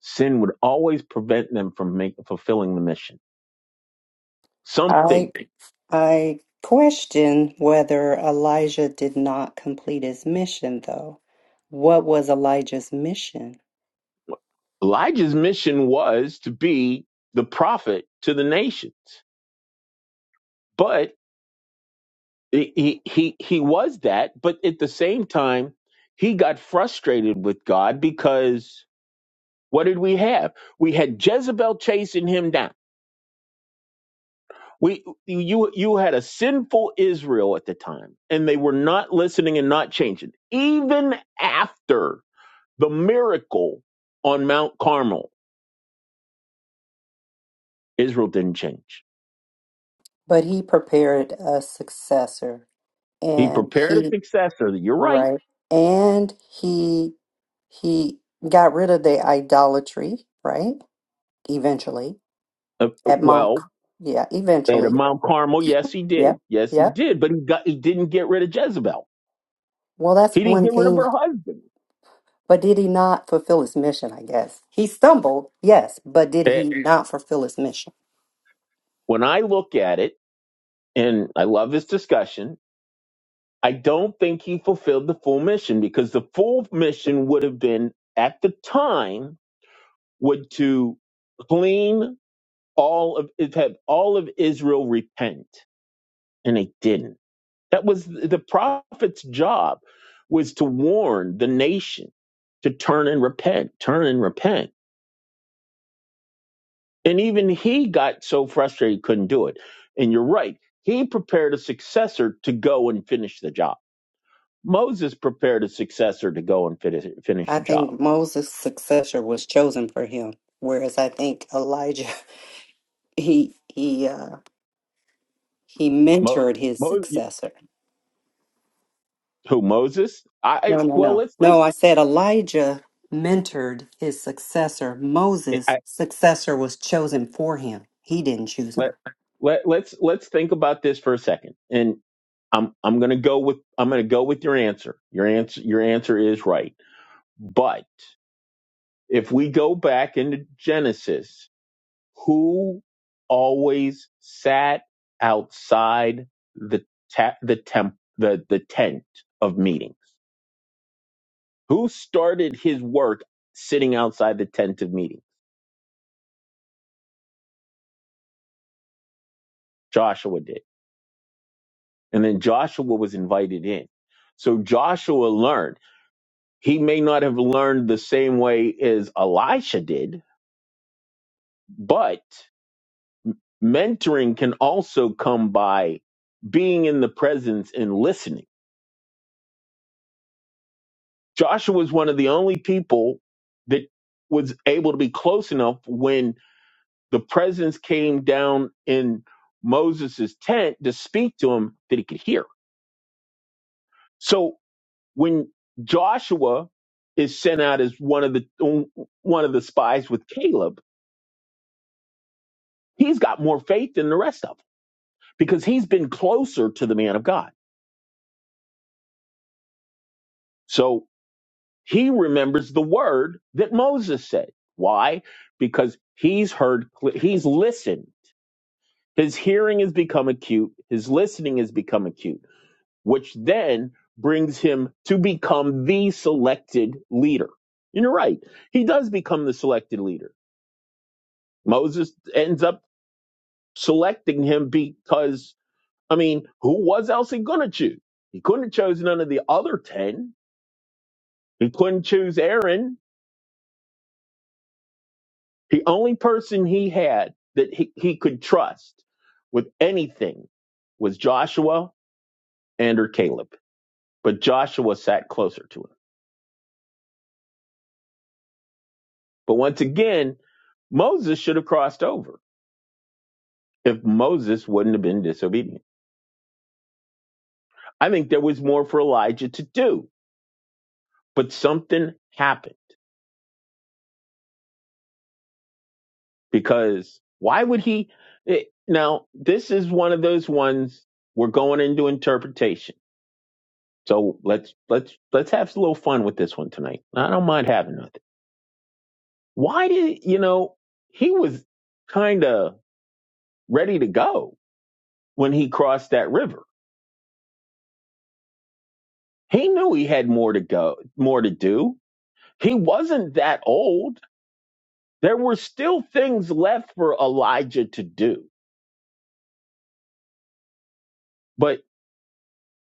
[SPEAKER 2] Sin would always prevent them from make, fulfilling the mission.
[SPEAKER 3] I
[SPEAKER 2] Something.
[SPEAKER 3] I question whether Elijah did not complete his mission though. What was Elijah's mission?
[SPEAKER 2] Elijah's mission was to be the prophet to the nations, but he, he, he he was that, but at the same time, he got frustrated with God because what did we have? We had Jezebel chasing him down. We you you had a sinful Israel at the time, and they were not listening and not changing, even after The miracle on Mount Carmel, Israel didn't change.
[SPEAKER 3] But he prepared a successor
[SPEAKER 2] He
[SPEAKER 3] and
[SPEAKER 2] prepared a
[SPEAKER 3] he
[SPEAKER 2] successor. You're right.
[SPEAKER 3] right and he he got rid of the idolatry, right? Eventually
[SPEAKER 2] Uh, uh,
[SPEAKER 3] at Mount
[SPEAKER 2] well,
[SPEAKER 3] yeah,
[SPEAKER 2] at
[SPEAKER 3] eventually.
[SPEAKER 2] Mount Carmel, yes, he
[SPEAKER 3] Yep,
[SPEAKER 2] did. Yes, he
[SPEAKER 3] yep.
[SPEAKER 2] did. But he got he didn't get rid of Jezebel.
[SPEAKER 3] Well, that's
[SPEAKER 2] He didn't
[SPEAKER 3] one
[SPEAKER 2] get rid of
[SPEAKER 3] thing.
[SPEAKER 2] her husband.
[SPEAKER 3] But did he not fulfill his mission? I guess he stumbled, yes, but did
[SPEAKER 2] Eh,
[SPEAKER 3] he not fulfill his mission?
[SPEAKER 2] when I look at it, and I love this discussion, I don't think he fulfilled the full mission because the full mission would have been at the time would to clean all of it had all of Israel repent, and they didn't. That was the prophet's job was to warn the nation to turn and repent, turn and repent. And even he got so frustrated he couldn't do it. And you're right. He prepared a successor to go and finish the job. Moses prepared a successor to go and finish, finish
[SPEAKER 3] I
[SPEAKER 2] the job.
[SPEAKER 3] think Moses' successor was chosen for him, whereas I think Elijah he he uh, he
[SPEAKER 2] Mo,
[SPEAKER 3] mentored his
[SPEAKER 2] Mo,
[SPEAKER 3] successor.
[SPEAKER 2] who Moses? I
[SPEAKER 3] No,
[SPEAKER 2] I-
[SPEAKER 3] no,
[SPEAKER 2] well,
[SPEAKER 3] no,
[SPEAKER 2] let's think.
[SPEAKER 3] no. I said Elijah mentored his successor. Moses' successor was chosen for him. He didn't choose him.
[SPEAKER 2] let let let's let's think about this for a second. And I'm I'm gonna go with I'm gonna go with your answer. Your answer your answer is right. But if we go back into Genesis, who always sat outside the ta- the temp the the tent of meetings? Who started his work sitting outside the tent of meetings? Joshua did, and then Joshua was invited in. So Joshua learned. He may not have learned the same way as Elisha did, but mentoring can also come by being in the presence and listening. Joshua was one of the only people that was able to be close enough when the presence came down in Moses' tent to speak to him that he could hear. So when Joshua is sent out as one of the one of the spies with Caleb, he's got more faith than the rest of them because he's been closer to the man of God. So he remembers the word that Moses said. Why? Because he's heard, he's listened. His hearing has become acute, his listening has become acute, which then brings him to become the selected leader. And you're right, he does become the selected leader. Moses ends up selecting him because, I mean, who was else he going to choose? He couldn't have chosen none of the other 10 He couldn't choose Aaron, the only person he had that he, he could trust with anything was Joshua and or Caleb. But Joshua sat closer to him. But once again, Moses should have crossed over if Moses wouldn't have been disobedient. I think there was more for Elijah to do, but something happened because why would he? It, now, this is one of those ones we're going into interpretation So let's let's let's have a little fun with this one tonight. I don't mind having nothing. Why did you know he was kind of ready to go when he crossed that river? He knew he had more to go, more to do. He wasn't that old. There were still things left for Elijah to do. But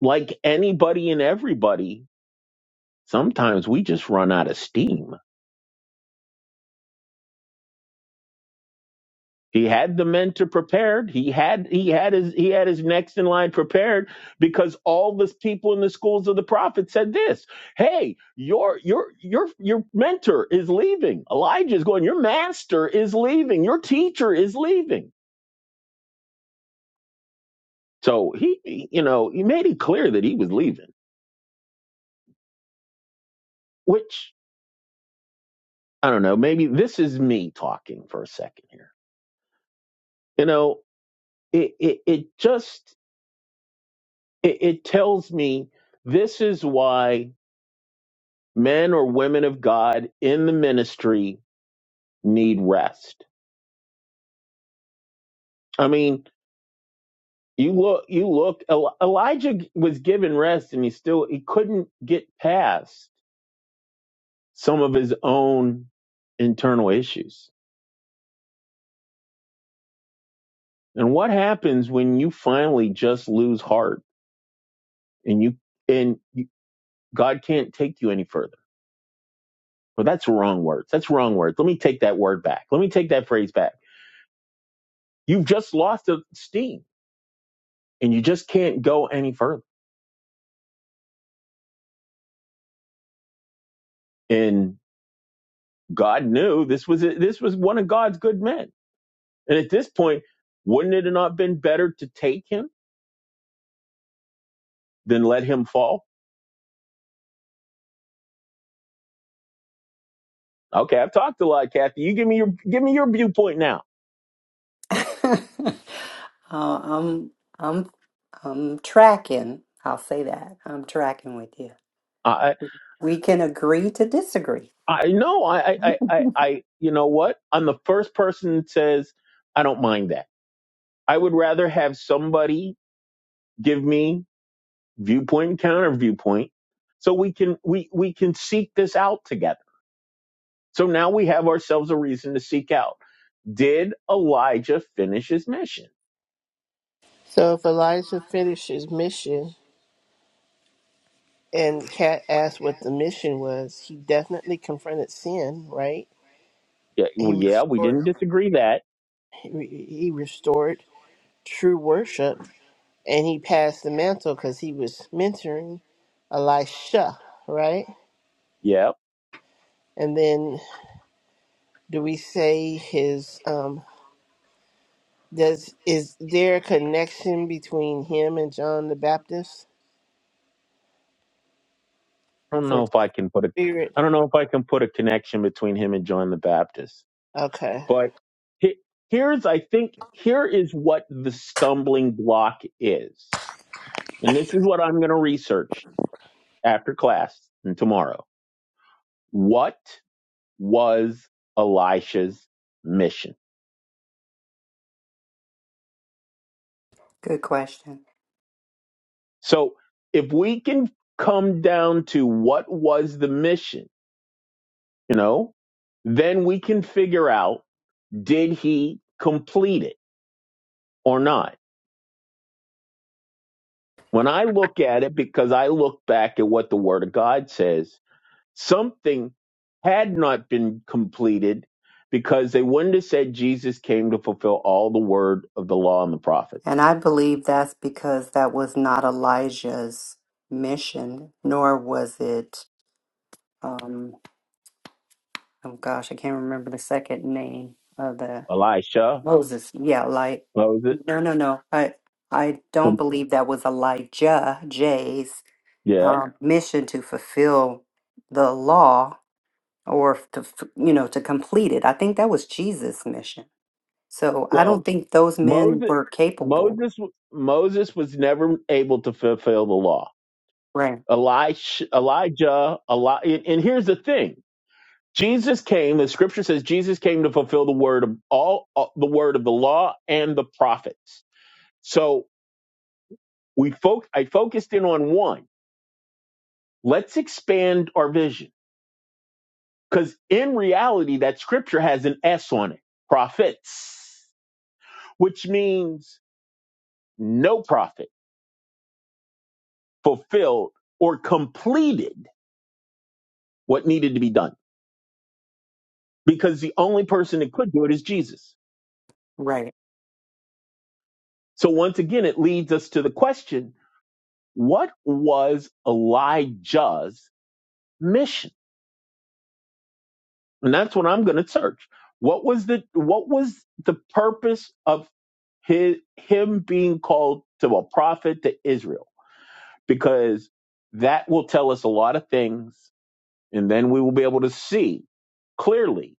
[SPEAKER 2] like anybody and everybody, sometimes we just run out of steam He had the mentor prepared. He had he had his he had his next in line prepared because all the people in the schools of the prophet said this: "Hey, your your your your mentor is leaving. Elijah is going. Your master is leaving. Your teacher is leaving." So he, he- you know, he made it clear that he was leaving. Which I don't know. Maybe this is me talking for a second here. You know, it it, it just it, it tells me this is why men or women of God in the ministry need rest. I mean, you look, you look, El- Elijah was given rest and he still, he couldn't get past some of his own internal issues. And what happens when you finally just lose heart and you, and you, God can't take you any further? Well, that's wrong words. That's wrong words. Let me take that word back. Let me take that phrase back. You've just lost the steam and you just can't go any further God knew this was this was one of God's good men. And at this point, wouldn't it have not been better to take him than let him fall? Okay, I've talked a lot, Kathy. You give me your give me your viewpoint now.
[SPEAKER 3] uh, I'm I'm I'm tracking. I'll say that. I'm tracking with you.
[SPEAKER 2] I
[SPEAKER 3] We can agree to disagree.
[SPEAKER 2] I know I I I I you know what? I'm the first person that says I don't mind that. I would rather have somebody give me viewpoint and counter viewpoint so we can we we can seek this out together. So now we have ourselves a reason to seek out. Did Elijah finish his mission?
[SPEAKER 1] if Elijah finished his mission and Kat asked what the mission was, he definitely confronted sin, right?
[SPEAKER 2] Yeah,
[SPEAKER 1] He
[SPEAKER 2] well, yeah, we
[SPEAKER 1] restored
[SPEAKER 2] didn't disagree that.
[SPEAKER 1] he re- he restored true worship and he passed the mantle because he was mentoring Elisha, right?
[SPEAKER 2] Yeah,
[SPEAKER 1] And then do we say his um does is there a connection between him and John the Baptist
[SPEAKER 2] I don't
[SPEAKER 1] for
[SPEAKER 2] know if I can put a,
[SPEAKER 1] spirit?
[SPEAKER 2] I don't know if I can put a connection between him and John the Baptist.
[SPEAKER 1] Okay.
[SPEAKER 2] But he- here's, I think, here is what the stumbling block is, and this is what I'm going to research after class and tomorrow. What was Elisha's mission?
[SPEAKER 3] Good question.
[SPEAKER 2] So if we can come down to what was the mission you know, then we can figure out did he complete it or not. When I look at it, because I look back at what the Word of God says, something had not been completed because they wouldn't have said Jesus came to fulfill all the word of the law and the prophets.
[SPEAKER 3] And I believe that's because that was not Elijah's mission, nor was it um oh gosh, I can't remember the second name of the
[SPEAKER 2] Elisha,
[SPEAKER 3] Moses. Yeah, like
[SPEAKER 2] Moses,
[SPEAKER 3] no no no. I I don't
[SPEAKER 2] um,
[SPEAKER 3] believe that was Elijah Jay's
[SPEAKER 2] yeah.
[SPEAKER 3] um, mission to fulfill the law or f- to f- you know to complete it. I think that was Jesus' mission. So I
[SPEAKER 2] Well,
[SPEAKER 3] don't think those men
[SPEAKER 2] Moses,
[SPEAKER 3] were capable.
[SPEAKER 2] Moses, Moses was never able to fulfill the law
[SPEAKER 3] Right.
[SPEAKER 2] Elish, Elijah, Eli- and here's the thing: Jesus came. The Scripture says Jesus came to fulfill the word of all, all the word of the law and the prophets. So we fo- I focused in on one. Let's expand our vision because in reality, that Scripture has an S on it: prophets, which means no prophet fulfilled or completed what needed to be done because the only person that could do it is Jesus.
[SPEAKER 3] Right.
[SPEAKER 2] So once again, it leads us to the question, what was Elijah's mission? And that's what I'm going to search. What was the, what was the purpose of his, him being called to a prophet to Israel? Because that will tell us a lot of things. And then we will be able to see clearly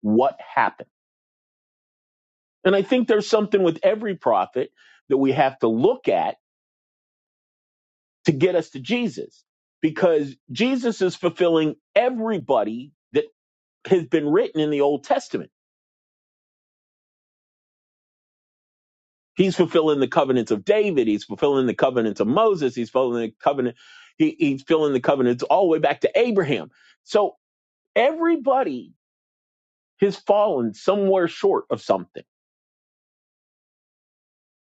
[SPEAKER 2] what happened. And I think there's something with every prophet that we have to look at to get us to Jesus because Jesus is fulfilling everybody that has been written in the Old Testament. He's fulfilling the covenants of David, he's fulfilling the covenants of Moses, he's fulfilling the covenant he, he's fulfilling the covenants all the way back to Abraham. So everybody has fallen somewhere short of something.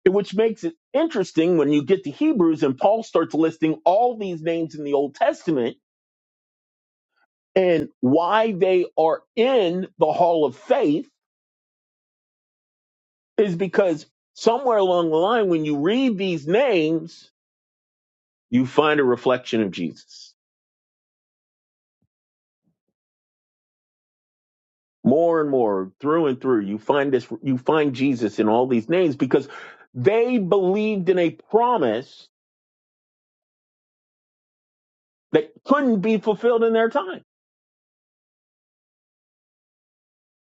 [SPEAKER 2] Which makes it interesting when you get to Hebrews and Paul starts listing all these names in the Old Testament and why they are in the hall of faith is because somewhere along the line, when you read these names, you find a reflection of Jesus. More and more, through and through, you find this, you find Jesus in all these names because they believed in a promise that couldn't be fulfilled in their time.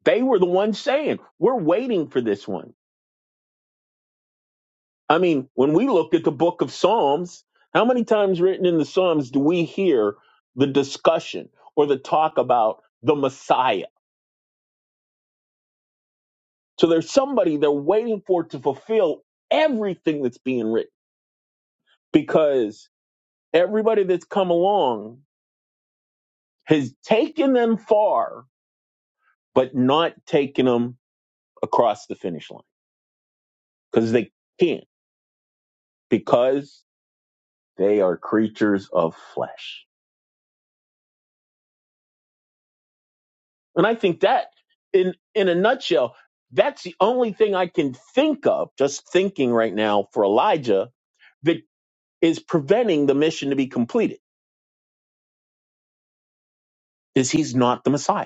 [SPEAKER 2] They were the ones saying, we're waiting for this one. I mean, when we look at the book of Psalms, how many times written in the Psalms do we hear the discussion or the talk about the Messiah? So there's somebody they're waiting for to fulfill everything that's being written because everybody that's come along has taken them far, but not taken them across the finish line because they can't because they are creatures of flesh. And I think that in, in a nutshell, that's the only thing I can think of just thinking right now for Elijah that is preventing the mission to be completed is he's not the Messiah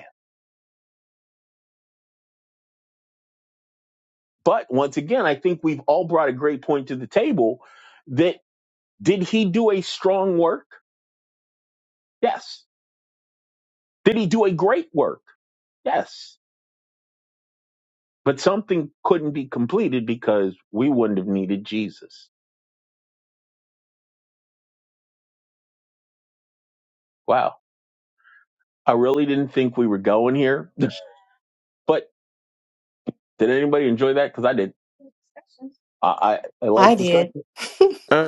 [SPEAKER 2] But once again, I think we've all brought a great point to the table that did he do a strong work? Yes. Did he do a great work? Yes. But something couldn't be completed because we wouldn't have needed Jesus. Wow. I really didn't think we were going here. but did anybody enjoy that? Because I did. I, I, I like
[SPEAKER 3] I did.
[SPEAKER 2] discussion.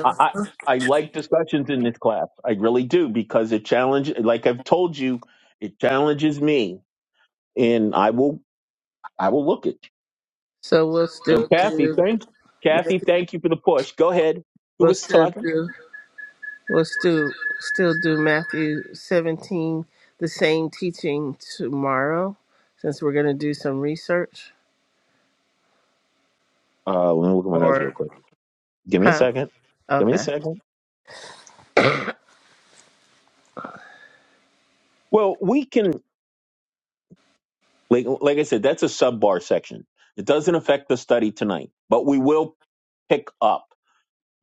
[SPEAKER 2] I, I, I like discussions in this class. I really do because it challenges, like I've told you, it challenges me and I will, I will look it.
[SPEAKER 1] So we'll
[SPEAKER 2] So
[SPEAKER 1] still
[SPEAKER 2] Kathy,
[SPEAKER 1] do
[SPEAKER 2] thank Kathy,
[SPEAKER 1] we'll
[SPEAKER 2] thank you for the push. Go ahead. Who was
[SPEAKER 1] still
[SPEAKER 2] talking?
[SPEAKER 1] do we'll still still do Matthew seventeen, the same teaching tomorrow, since we're gonna do some research.
[SPEAKER 2] Uh, let me look at my notes real
[SPEAKER 1] Or
[SPEAKER 2] quick. Give me a
[SPEAKER 1] huh?
[SPEAKER 2] second. Give me a
[SPEAKER 1] Okay.
[SPEAKER 2] second. Well, we can like like I said, that's a sub bar section. It doesn't affect the study tonight, but we will pick up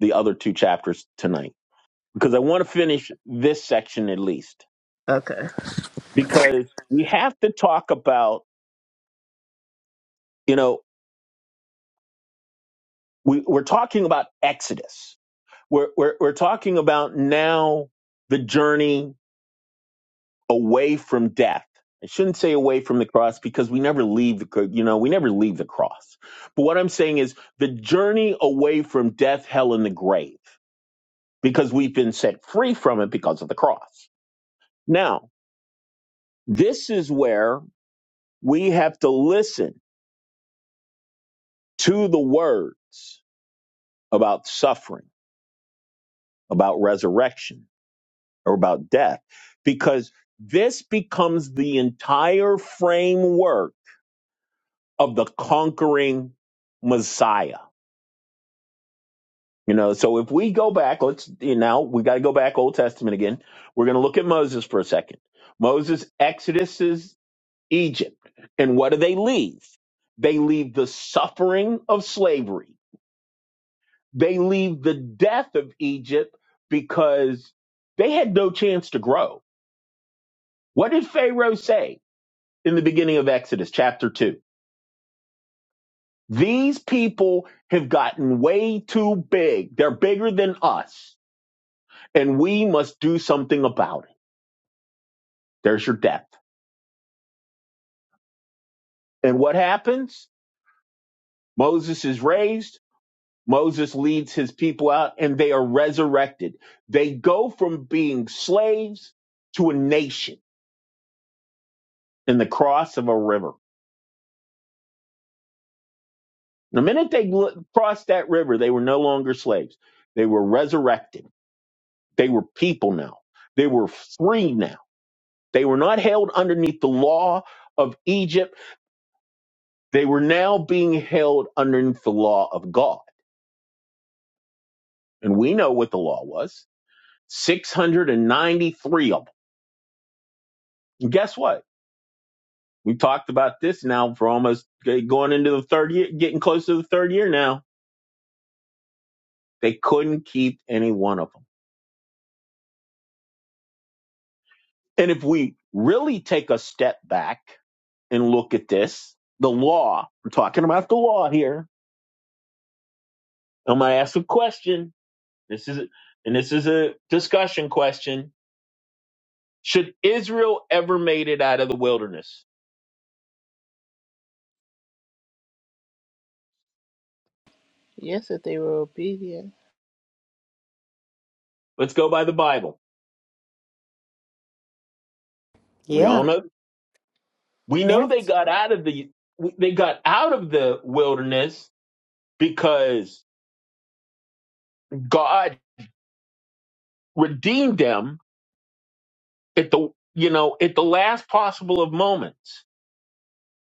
[SPEAKER 2] the other two chapters tonight because I want to finish this section at least
[SPEAKER 1] Okay.
[SPEAKER 2] because we have to talk about you know we, we're talking about Exodus. We're, we're we're talking about now the journey away from death. I shouldn't say away from the cross because we never leave the you know we never leave the cross. But what I'm saying is the journey away from death, hell, and the grave because we've been set free from it because of the cross. Now this is where we have to listen to the words about suffering, about resurrection, or about death, because this becomes the entire framework of the conquering Messiah You know, so if we go back, let's you know, we got to go back Old Testament again. We're going to look at Moses for a second. Moses exoduses Egypt, and what do they leave? They leave the suffering of slavery. They leave the death of Egypt because they had no chance to grow. What did Pharaoh say in the beginning of Exodus chapter 2? These people have gotten way too big. They're bigger than us, and we must do something about it. There's your depth. And what happens? Moses is raised. Moses leads his people out and they are resurrected. They go from being slaves to a nation in the cross of a river. The minute they crossed that river, they were no longer slaves. They were resurrected. They were people now. They were free now. They were not held underneath the law of Egypt. They were now being held underneath the law of God. And we know what the law was 693 of them. And guess what? We talked about this now for almost eh, going into the third year, getting close to the third year now. They couldn't keep any one of them. And if we really take a step back and look at this, the law, we're talking about the law here. I'm going to ask a question. This is, and this is a discussion question. Should Israel ever made it out of the wilderness?
[SPEAKER 1] Yes, if they were obedient.
[SPEAKER 2] Let's go by the Bible. We
[SPEAKER 3] Yeah.
[SPEAKER 2] all know We know
[SPEAKER 3] Yeah.
[SPEAKER 2] they got out of the they got out of the wilderness because God redeemed them at the you know at the last possible of moments.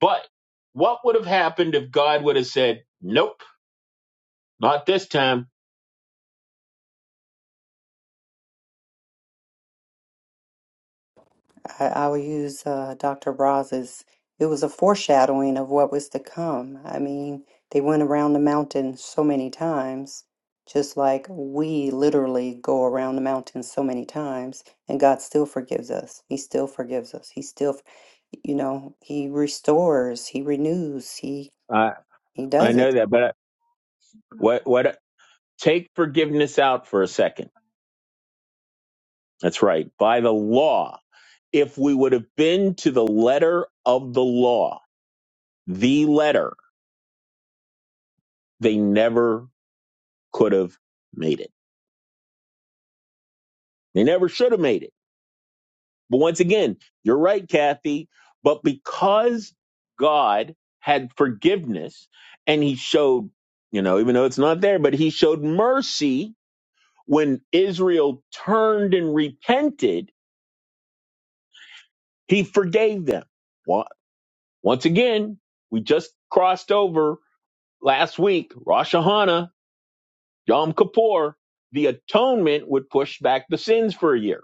[SPEAKER 2] But what would have happened if God would have said, "Nope, not this time"?
[SPEAKER 3] I, I will use uh, Dr. Braz's. It was a foreshadowing of what was to come. I mean, they went around the mountain so many times, just like we literally go around the mountain so many times, and God still forgives us. He still forgives us. He still, you know, He restores, He renews, He
[SPEAKER 2] I
[SPEAKER 3] He
[SPEAKER 2] I
[SPEAKER 3] does it.
[SPEAKER 2] know that, but what what? Take forgiveness out for a second. That's right. By the law, if we would have been to the letter of the law, the letter, they never could have made it They never should have made it. But once again, you're right, Kathy. But because God had forgiveness and he showed, you know, even though it's not there, but he showed mercy when Israel turned and repented, he forgave them. Wa- Once again, we just crossed over last week, Rosh Hashanah, Yom Kippur. The atonement would push back the sins for a year.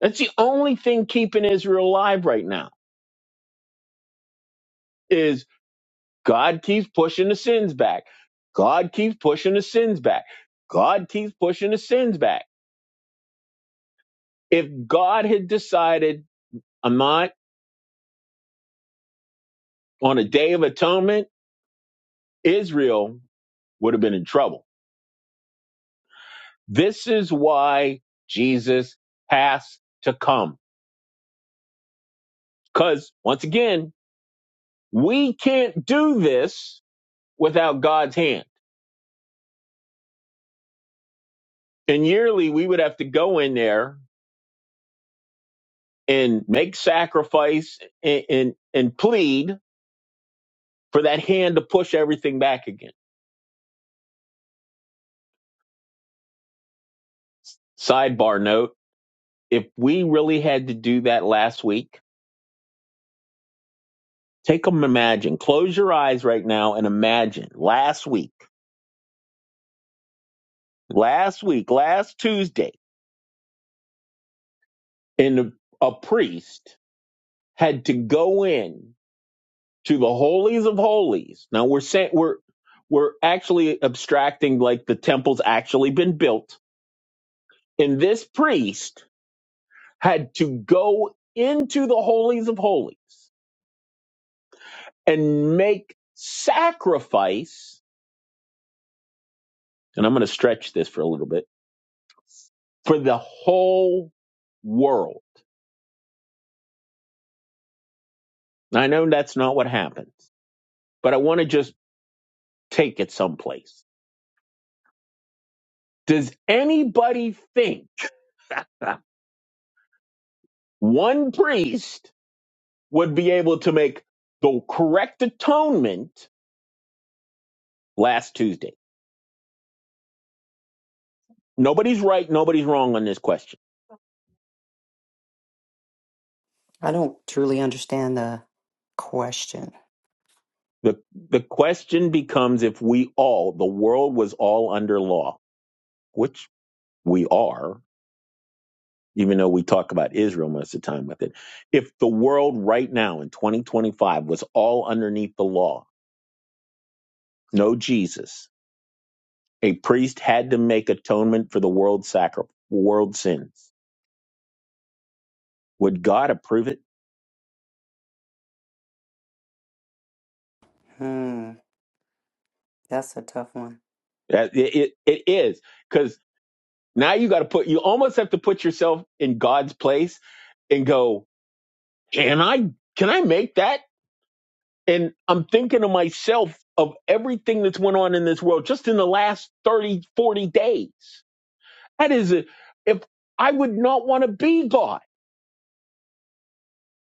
[SPEAKER 2] That's the only thing keeping Israel alive right now Is God keeps pushing the sins back. God keeps pushing the sins back. God keeps pushing the sins back. If God had decided I'm not on a day of atonement, Israel would have been in trouble. This is why Jesus has to come. Because once again, we can't do this without God's hand. And yearly, we would have to go in there and make sacrifice and, and, and plead for that hand to push everything back again. Sidebar note if we really had to do that last week, take them, imagine, close your eyes right now and imagine last week, last week, last Tuesday, and a, priest had to go in to the holies of holies. Now we're saying we're we're actually abstracting like the temple's actually been built. And this priest had to go into the holies of holies and make sacrifice, and I'm going to stretch this for a little bit, for the whole world. I know that's not what happens, but I want to just take it someplace. Does anybody think one priest would be able to make the correct atonement last Tuesday? Nobody's right, nobody's wrong on this question.
[SPEAKER 3] I don't truly understand the question.
[SPEAKER 2] The, the question becomes if we all, the world was all under law, which we are, even though we talk about Israel most of the time with it. If the world right now in 2025 was all underneath the law, no Jesus, a priest had to make atonement for the world sacri- world sins. Would God approve it?
[SPEAKER 3] Hmm, that's a tough one.
[SPEAKER 2] That- It, it, it is because now you got to put you almost have to put yourself in God's place and go, can I can I make that? And I'm thinking to myself of everything that's went on in this world just in the last 30, 40 days That is it. If I would not want to be God,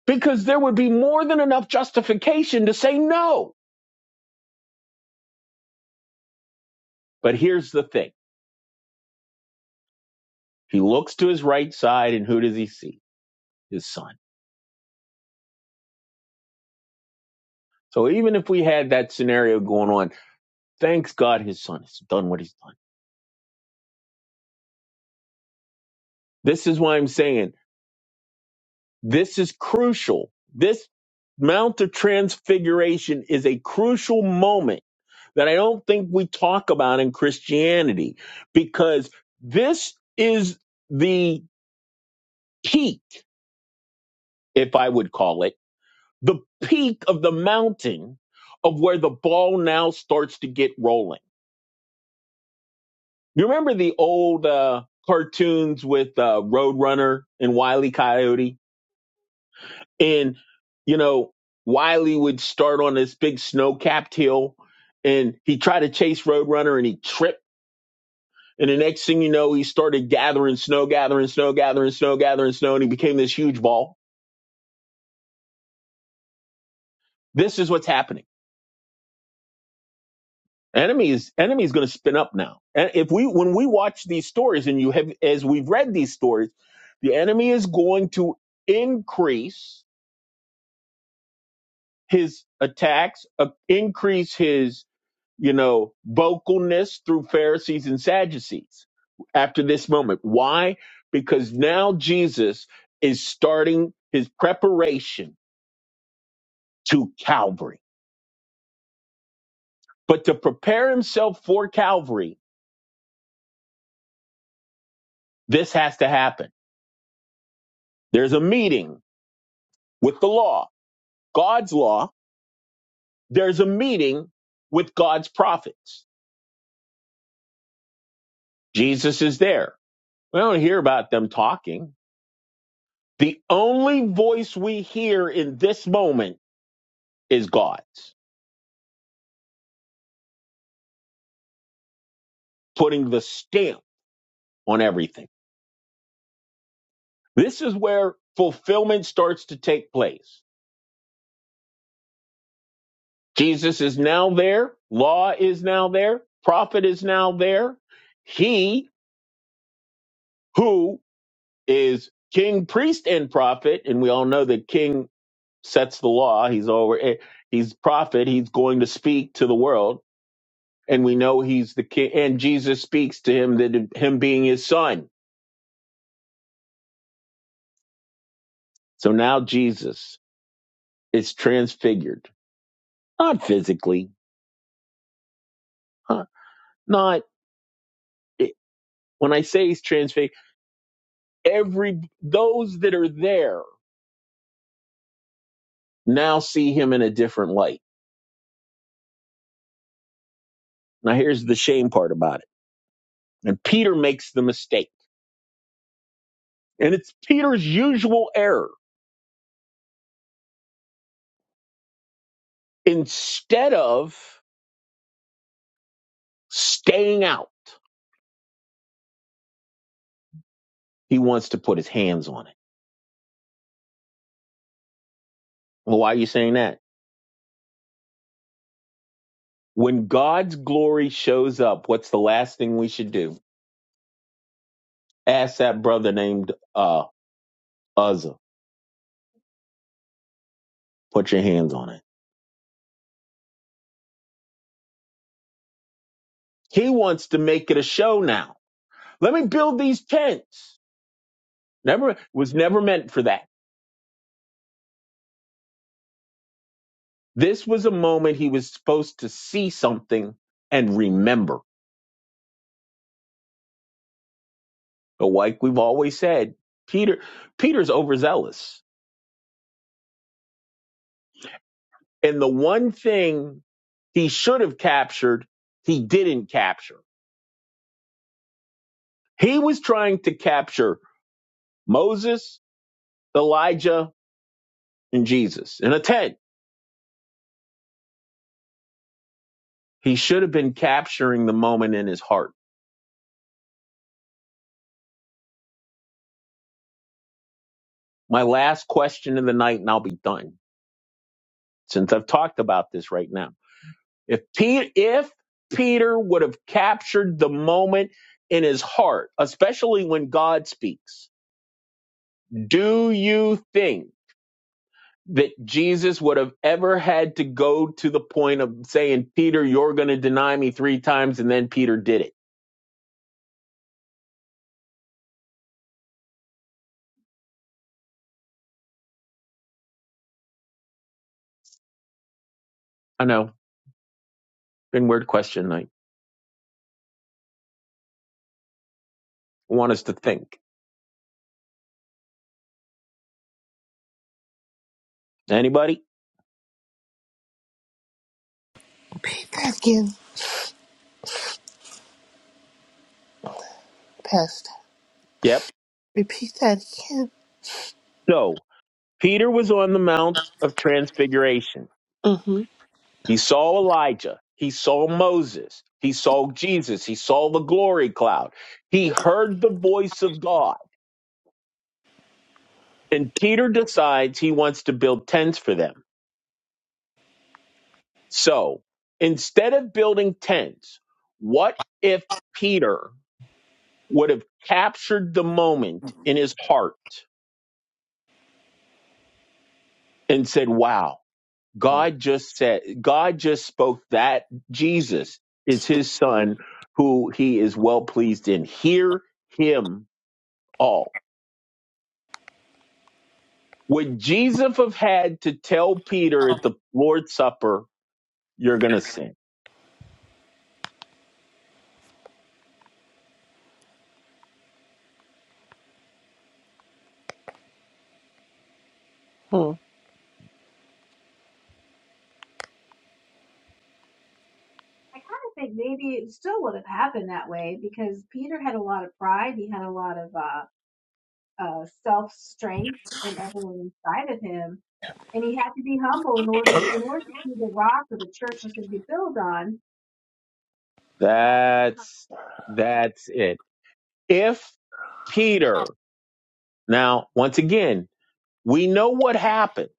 [SPEAKER 2] because there would be more than enough justification to say no. But here's the thing He looks to his right side, and who does he see? His son. So even if we had that scenario going on, thanks God his son has done what he's done. This is why I'm saying This is crucial. This Mount of Transfiguration is a crucial moment that I don't think we talk about in Christianity because this is the peak, if I would call it, the peak of the mountain of where the ball now starts to get rolling. You remember the old uh, cartoons with uh, Roadrunner and Wile E. Coyote? And, you know, Wiley would start on this big snow capped hill and he tried to chase Roadrunner and he tripped. And the next thing you know, he started gathering snow, gathering snow, gathering snow, gathering snow, and he became this huge ball. This is what's happening. Enemy is enemy is going to spin up now. And if we when we watch these stories and you have as we've read these stories, the enemy is going to increase his attacks, uh, increase his you know, vocalness through Pharisees and Sadducees after this moment. Why? Because now Jesus is starting his preparation to Calvary. But to prepare himself for Calvary, this has to happen. There's a meeting with the law, God's law. There's a meeting with God's prophets. Jesus is there. We don't hear about them talking. The only voice we hear in this moment is God's. putting the stamp on everything. This is where fulfillment starts to take place. Jesus is now there, law is now there, prophet is now there. He who is king, priest, and prophet, and we all know that king sets the law, he's over eh, he's prophet, he's going to speak to the world, and we know he's the king and Jesus speaks to him that him being his son. So now Jesus is transfigured, not physically, huh? not it- when I say he's transfigured, every those that are there now see him in a different light. Now here's the shame part about it. And Peter makes the mistake. And it's Peter's usual error. Instead of staying out, he wants to put his hands on it. Well, why are you saying that? When God's glory shows up, what's the last thing we should do? Ask that brother named uh Uzzah, put your hands on it. He wants to make it a show now. Let me build these tents. Never was never meant for that. This was a moment he was supposed to see something and remember. But like we've always said, Peter Peter's overzealous. And the one thing he should have captured, he didn't capture. He was trying to capture Moses, Elijah, and Jesus in a tent. He should have been capturing the moment in his heart. My last question of the night, and I'll be done since I've talked about this right now. If Peter, if Peter would have captured the moment in his heart, especially when God speaks, do you think that Jesus would have ever had to go to the point of saying, Peter, you're going to deny me three times, and then Peter did it? I know, been weird question. I want us to think. Anybody?
[SPEAKER 1] Repeat that again, Pastor.
[SPEAKER 2] Yep.
[SPEAKER 1] Repeat that again.
[SPEAKER 2] So Peter was on the Mount of Transfiguration.
[SPEAKER 1] Mm-hmm.
[SPEAKER 2] He saw Elijah. He saw Moses. He saw Jesus. He saw the glory cloud. He heard the voice of God. And Peter decides he wants to build tents for them. So instead of building tents, what if Peter would have captured the moment in his heart and said, wow, God just said, God just spoke that Jesus is his son who he is well pleased in. Hear him all Would Jesus have had to tell Peter at the Lord's Supper, you're going to sin?
[SPEAKER 1] Hmm.
[SPEAKER 2] That's, that's it. If Peter, now, once again, we know what happened.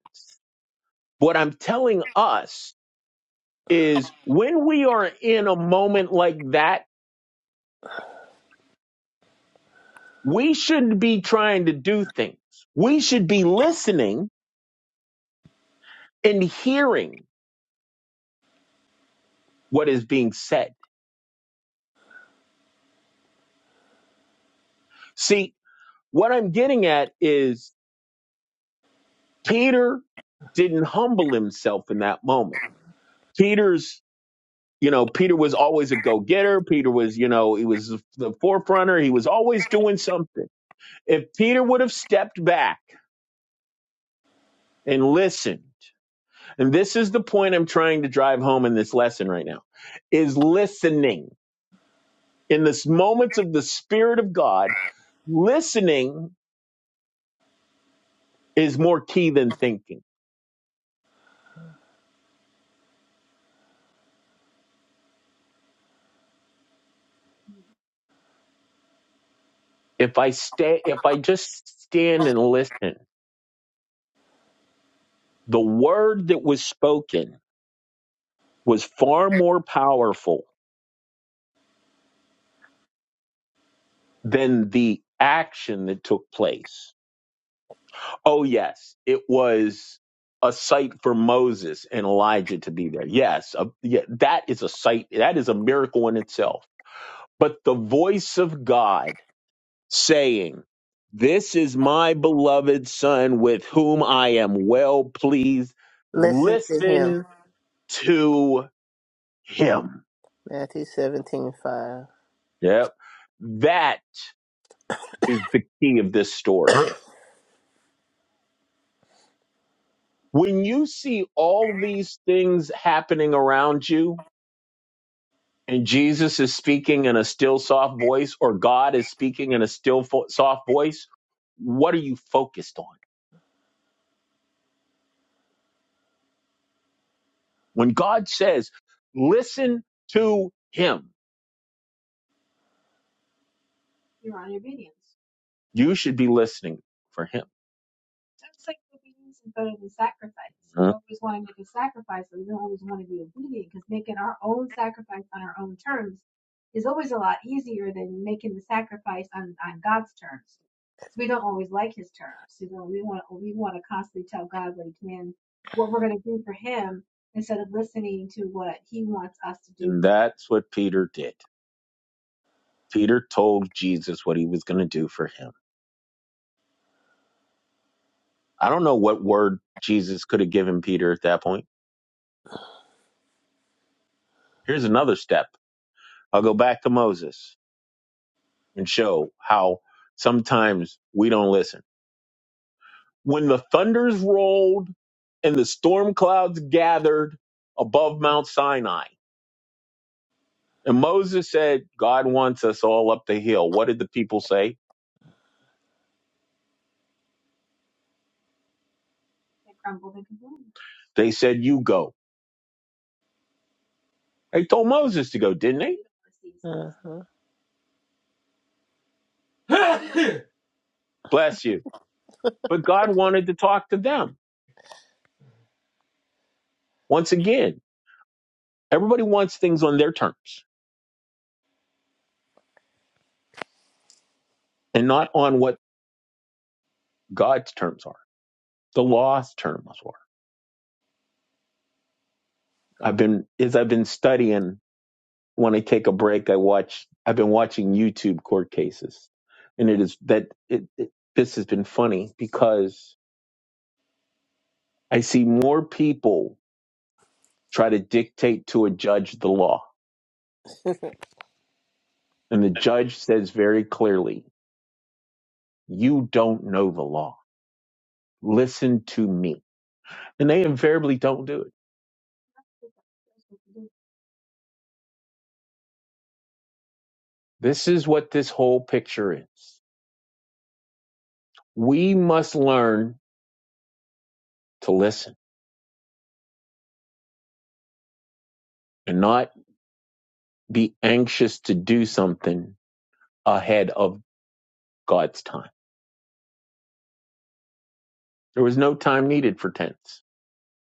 [SPEAKER 2] What I'm telling us is when we are in a moment like that, we shouldn't be trying to do things. We should be listening and hearing what is being said. See, what I'm getting at is Peter didn't humble himself in that moment. Peter's, you know, Peter was always a go getter. Peter was, you know, he was the forefronter. He was always doing something. If Peter would have stepped back and listened, and this is the point I'm trying to drive home in this lesson right now, is listening. In this moments of the Spirit of God, listening is more key than thinking. If I stay, if I just stand and listen, the word that was spoken was far more powerful than the action that took place. Oh, yes, it was a sight for Moses and Elijah to be there. Yes, a, yeah, that is a sight, that is a miracle in itself. But the voice of God saying, This is my beloved son with whom I am well pleased.
[SPEAKER 1] Listen to him.
[SPEAKER 2] Listen to him.
[SPEAKER 1] Matthew seventeen five.
[SPEAKER 2] Yep. That is the key of this story When you see all these things happening around you, and Jesus is speaking in a still soft voice, or God is speaking in a still fo- soft voice, what are you focused on? When God says, listen to him, you should be listening for him. Huh? And that's what Peter did. Peter told Jesus what he was going to do for him. I don't know what word Jesus could have given Peter at that point. Here's another step. I'll go back to Moses and show how sometimes we don't listen. When the thunders rolled and the storm clouds gathered above Mount Sinai, and Moses said, God wants us all up the hill. What did the people say? They said, You go. They told Moses to go, didn't they?
[SPEAKER 1] Uh-huh.
[SPEAKER 2] Bless you. But God wanted to talk to them once again. Everybody wants things on their terms and not on what God's terms are, the law's terms are. I've been, as I've been studying, when I take a break, I watch, I've been watching YouTube court cases. And it is that it, it, this has been funny because I see more people try to dictate to a judge the law. And the judge says very clearly, you don't know the law. Listen to me. And they invariably don't do it. This is what this whole picture is We must learn to listen and not be anxious to do something ahead of God's time. There was no time needed for tents.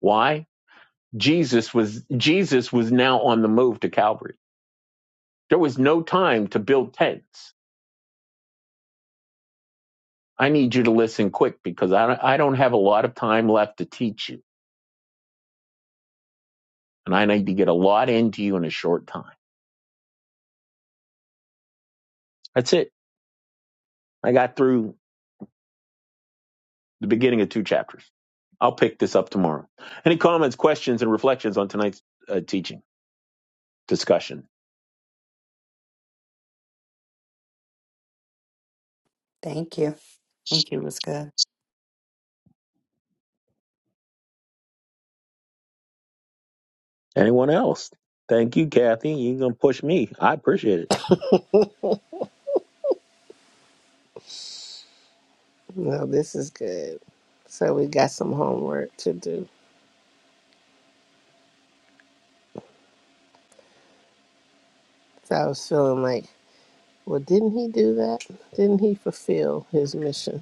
[SPEAKER 2] Why? Jesus was Jesus was now on the move to Calvary. There was no time to build tents. I need you to listen quick because I don't, I don't have a lot of time left to teach you, and I need to get a lot into you in a short time. That's it. I got through the beginning of two chapters. I'll pick this up tomorrow. Any comments, questions, and reflections on tonight's uh, teaching discussion?
[SPEAKER 3] Thank you. Thank you. It was good.
[SPEAKER 2] Anyone else? Thank you, Kathy. You're gonna push me. I appreciate it.
[SPEAKER 1] Well, this is good. So we got some homework to do. So I was feeling like, well, didn't he do that? Didn't he fulfill his mission?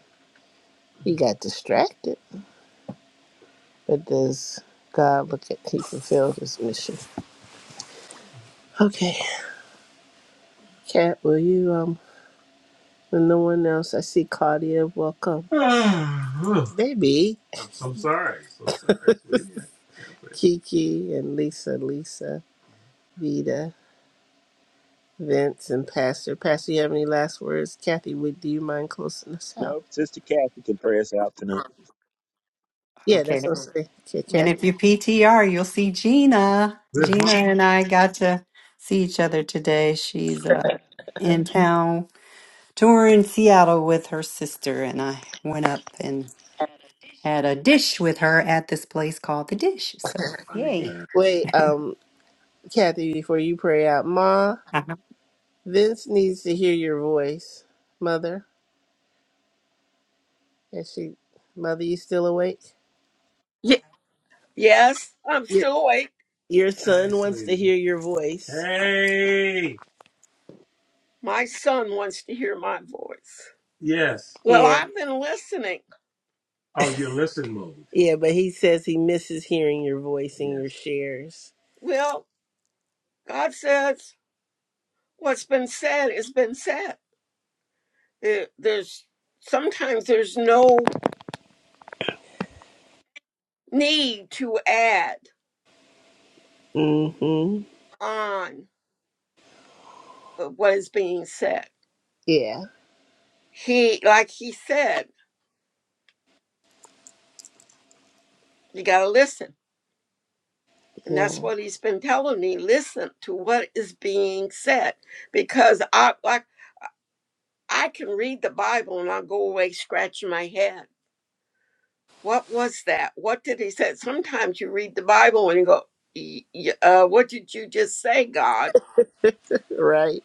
[SPEAKER 1] He got distracted, but does God look at he fulfilled his mission? Okay, Kat, will you um? When no one else, I see Claudia. Welcome, baby. I'm, I'm sorry. So sorry, Kiki and Lisa, Lisa. Vida, Vince, and Pastor. Pastor, you have any last words? Kathy, would do you mind closing us out?
[SPEAKER 2] Nope, Sister Kathy can pray us out tonight.
[SPEAKER 1] Yeah,
[SPEAKER 3] Okay.
[SPEAKER 1] that's what I'm saying. Okay,
[SPEAKER 3] And
[SPEAKER 1] Kathy.
[SPEAKER 3] if you PTR, you'll see Gina.
[SPEAKER 1] Where's
[SPEAKER 3] Gina
[SPEAKER 1] my
[SPEAKER 3] and I got to see each other today. She's uh, in town touring Seattle with her sister, and I went up and had a dish with her at this place called The Dish. So, yay.
[SPEAKER 1] God? Wait, um, Kathy, before you pray out, Ma,
[SPEAKER 3] Uh-huh.
[SPEAKER 1] Vince needs to hear your voice. Mother, is she? Mother, you still awake?
[SPEAKER 4] Ye- yes, I'm
[SPEAKER 1] Your
[SPEAKER 4] still awake.
[SPEAKER 1] your I son Hey, wants say, to sweetie. hear your voice. hey,
[SPEAKER 4] My son wants to hear my voice.
[SPEAKER 1] yes.
[SPEAKER 4] Well,
[SPEAKER 1] Yeah,
[SPEAKER 4] I've been listening.
[SPEAKER 1] Oh, yeah, but he says he misses hearing your voice and your yes. shares.
[SPEAKER 4] Well, God says what's been said has been said. There- There's sometimes there's no need to add
[SPEAKER 1] Mm-hmm.
[SPEAKER 4] on of what is being said.
[SPEAKER 1] Yeah,
[SPEAKER 4] He, like he said, you got to listen. And
[SPEAKER 1] yeah.
[SPEAKER 4] that's what he's been telling me. Listen to what is being said. Because I, like I can read the Bible and I'll go away scratching my head. What was that? What did he say? Sometimes you read the Bible and you go, "Y- y- uh, What did you just say, God?
[SPEAKER 1] right?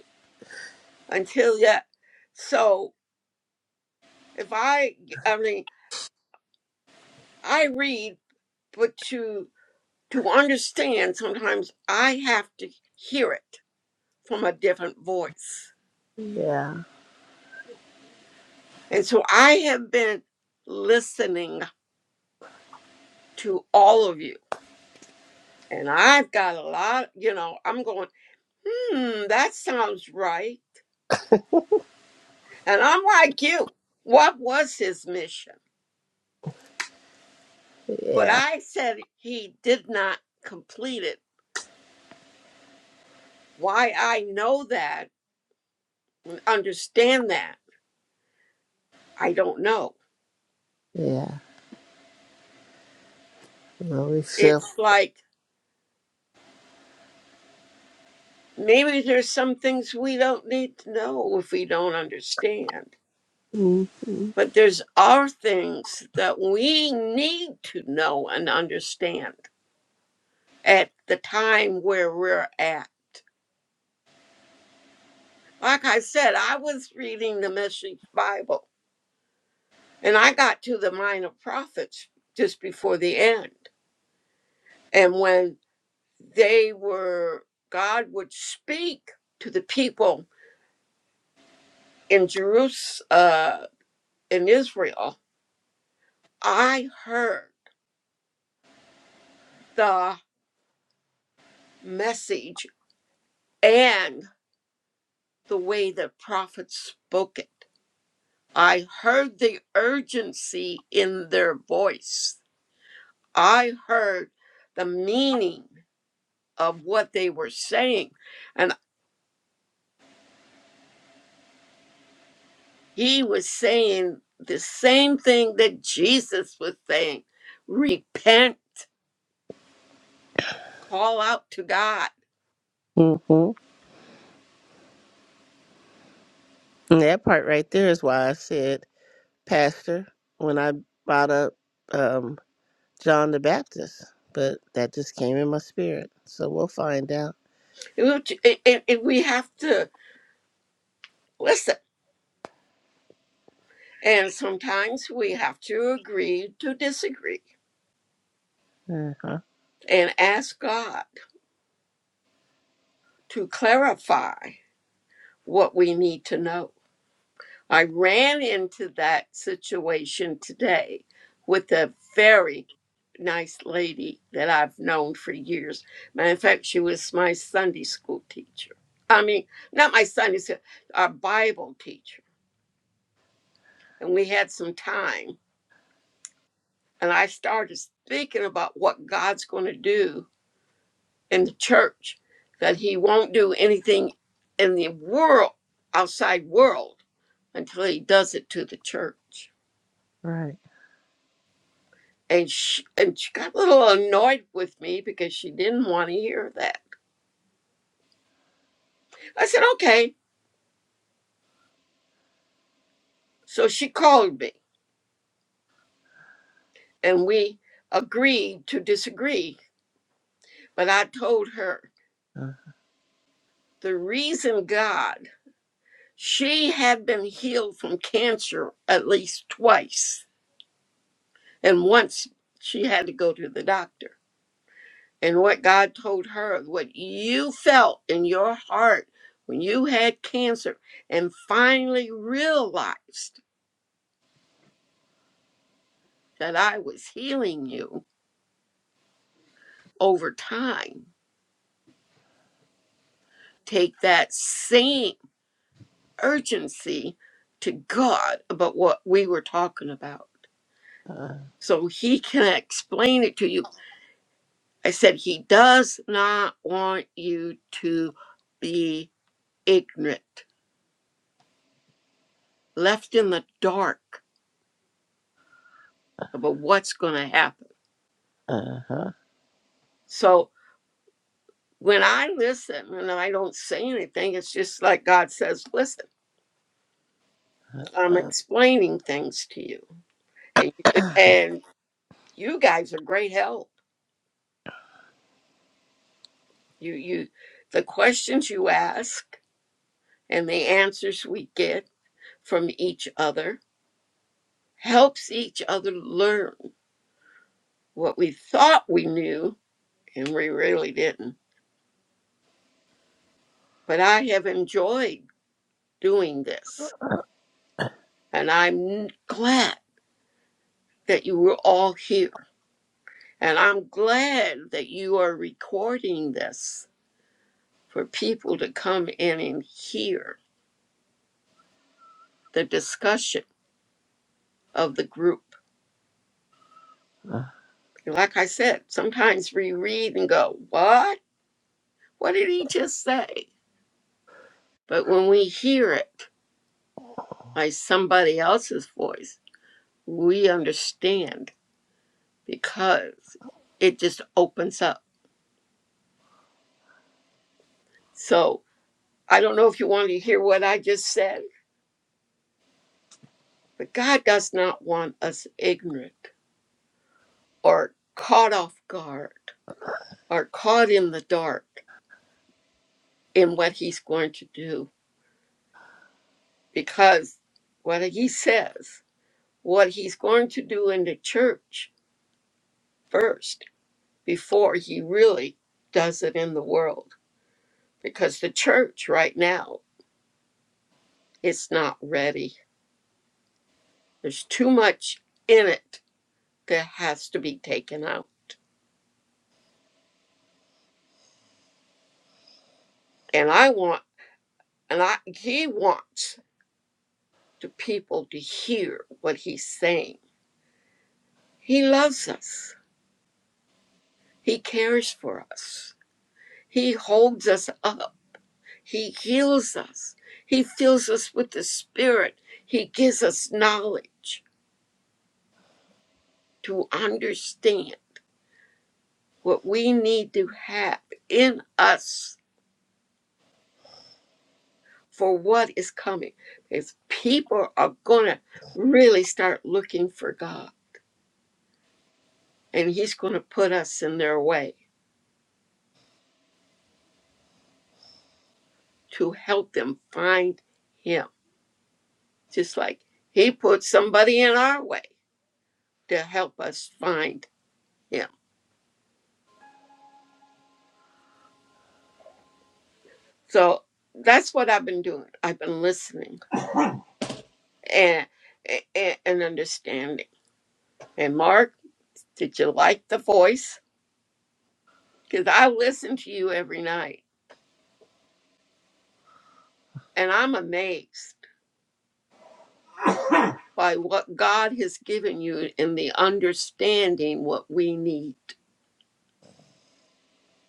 [SPEAKER 4] Until yet. So if I, I mean, I read, but to to understand, sometimes I have to hear it from a different voice.
[SPEAKER 1] Yeah,
[SPEAKER 4] And so I have been listening to all of you, and I've got a lot. You know, I'm going. Hmm, that sounds right. And I'm like you. What was his mission? But
[SPEAKER 1] yeah,
[SPEAKER 4] I said he did not complete it. Why I know that and understand that, I don't know.
[SPEAKER 1] yeah. Well, we feel
[SPEAKER 4] It's like maybe there's some things we don't need to know if we don't understand.
[SPEAKER 1] hmm hmm
[SPEAKER 4] But there's our things that we need to know and understand at the time where we're at Like I said, I was reading the Message Bible and I got to the Minor Prophets just before the end. And when they were, God would speak to the people in Jerusalem, uh, in Israel, I heard the message and the way the prophets spoke it. I heard the urgency in their voice. I heard the meaning. of what they were saying. And he was saying the same thing that Jesus was saying repent, call out to God.
[SPEAKER 1] And that part right there is why I said, Pastor, when I brought up um, John the Baptist, but that just came in my spirit. So we'll find out.
[SPEAKER 4] Which- And and- and we have to listen. And sometimes we have to agree to disagree
[SPEAKER 1] Uh huh.
[SPEAKER 4] and ask God to clarify what we need to know. I ran into that situation today with a very nice lady that I've known for years. Matter of fact, she was my Sunday school teacher. I mean, not my Sunday school, our Bible teacher. And we had some time. And I started thinking about what God's going to do in the church, that He won't do anything in the world, outside world, until He does it to the church.
[SPEAKER 1] Right.
[SPEAKER 4] And she, and she got a little annoyed with me because she didn't want to hear that. I said, okay. So she called me and we agreed to disagree. But I told her
[SPEAKER 1] Uh
[SPEAKER 4] the reason God, she had been healed from cancer at least twice. And once she had to go to the doctor. And what God told her, what you felt in your heart when you had cancer and finally realized that I was healing you over time. Take that same urgency to God about what we were talking about
[SPEAKER 1] huh.
[SPEAKER 4] so He can explain it to you. I said, He does not want you to be ignorant, left in the dark about what's going to happen.
[SPEAKER 1] Uh huh.
[SPEAKER 4] So when I listen and I don't say anything, it's just like God says, Listen, I'm
[SPEAKER 1] Uh-huh.
[SPEAKER 4] explaining things to you. And, and you guys are great help. You you the questions you ask and the answers we get from each other helps each other learn what we thought we knew and we really didn't. But I have enjoyed doing this and I'm glad that you were all here and I'm glad that you are recording this for people to come in and hear the discussion of the group
[SPEAKER 1] Uh-huh.
[SPEAKER 4] Like I said, sometimes we read and go, What? What did he just say? But when we hear it by somebody else's voice, we understand because it just opens up. So I don't know if you want to hear what I just said, but God does not want us ignorant or caught off guard or caught in the dark in what he's going to do because what he says, what he's going to do in the church first before he really does it in the world because the church right now it's not ready there's too much in it that has to be taken out and i want and i he wants the people to hear what he's saying he loves us he cares for us he holds us up he heals us he fills us with the spirit he gives us knowledge to understand what we need to have in us for what is coming. if people are going to really start looking for God, and He's going to put us in their way to help them find Him, just like He put somebody in our way to help us find Him. So that's what I've been doing. I've been listening and and, and understanding. And Mark, did you like the voice? Because I listen to you every night And I'm amazed by what God has given you in the understanding what we need.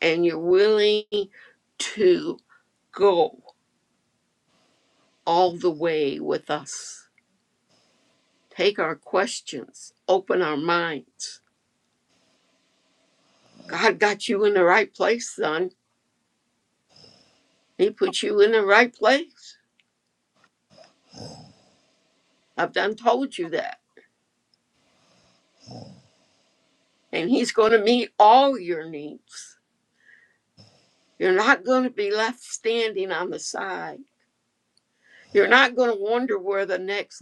[SPEAKER 4] And you're willing to go all the way with us. Take our questions, open our minds. God got you in the right place, son. He put you in the right place. I've done told you that. And He's going to meet all your needs. You're not going to be left standing on the side. You're not going to wonder where the next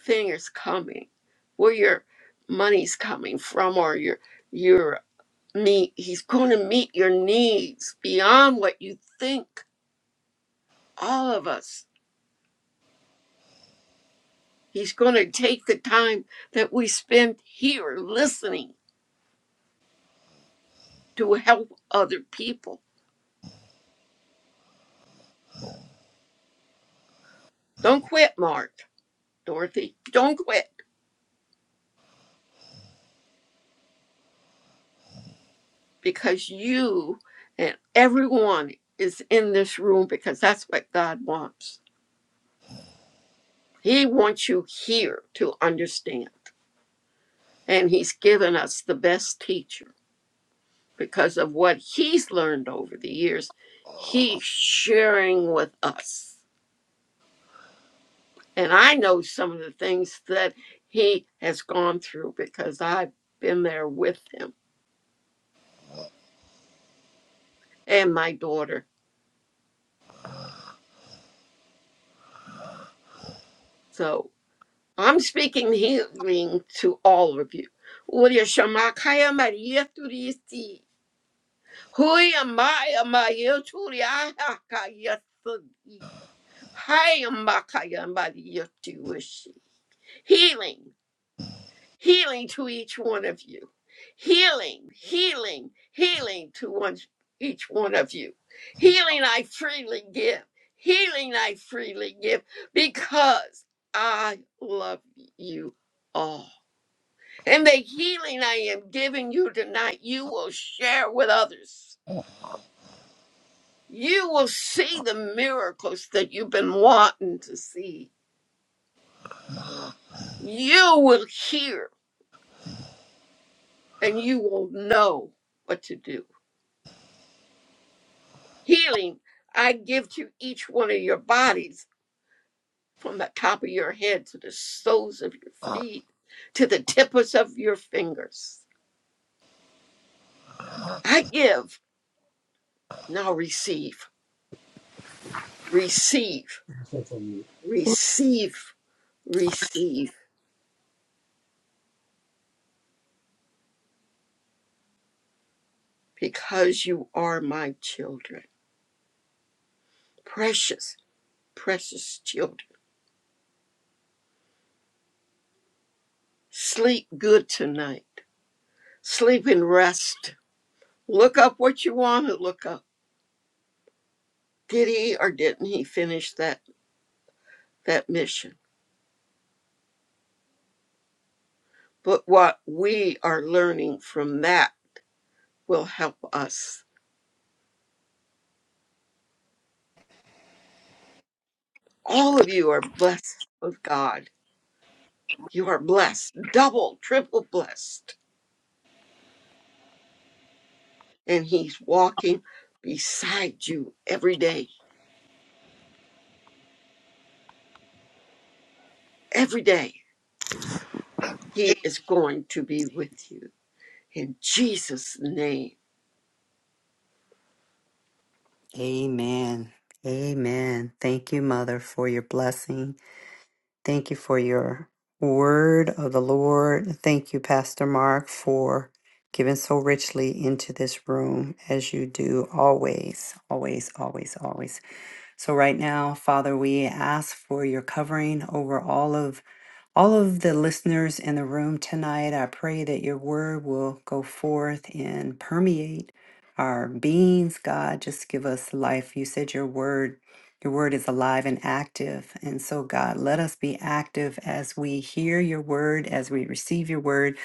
[SPEAKER 4] thing is coming, where your money's coming from, or your your meet. He's going to meet your needs beyond what you think. All of us. He's going to take the time that we spend here listening to help other people. Don't quit, Mark, Dorothy. Don't quit because you and everyone is in this room because that's what God wants. He wants you here to understand. And he's given us the best teacher because of what he's learned over the years. He's sharing with us. And I know some of the things that he has gone through because I've been there with him and my daughter. So I'm speaking healing to all of you. Uria shamakaya maria turisti. Huya maya maya turia haka yasudi. Hi, Makaya Maria Jewish. healing, healing to each one of you, healing, healing, healing to one, each one of you, healing I freely give, healing I freely give because I love you all. And the healing I am giving you tonight, you will share with others. You will see the miracles that you've been wanting to see. You will hear and you will know what to do Healing I give to each one of your bodies from the top of your head to the soles of your feet to the tips of your fingers. I give, now receive, receive, receive, receive, because you are my children. Precious, precious children. Sleep good tonight. Sleep and rest. Look up what you want to look up. Did he or didn't he finish that, that mission? But what we are learning from that will help us. All of you are blessed of God. You are blessed, double, triple blessed. And He's walking beside you every day. Every day, He is going to be with you. In Jesus' name.
[SPEAKER 3] Amen. Amen. Thank you, Mother, for your blessing. Thank you for your word of the Lord. Thank you, Pastor Mark, for giving so richly into this room as you do always, always, always, always. So, right now, Father, we ask for your covering over all of all of the listeners in the room tonight, I pray that your word will go forth and permeate our beings. God, just give us life. You said your word, your word is alive and active. And so, God, let us be active as we hear your word, as we receive your word,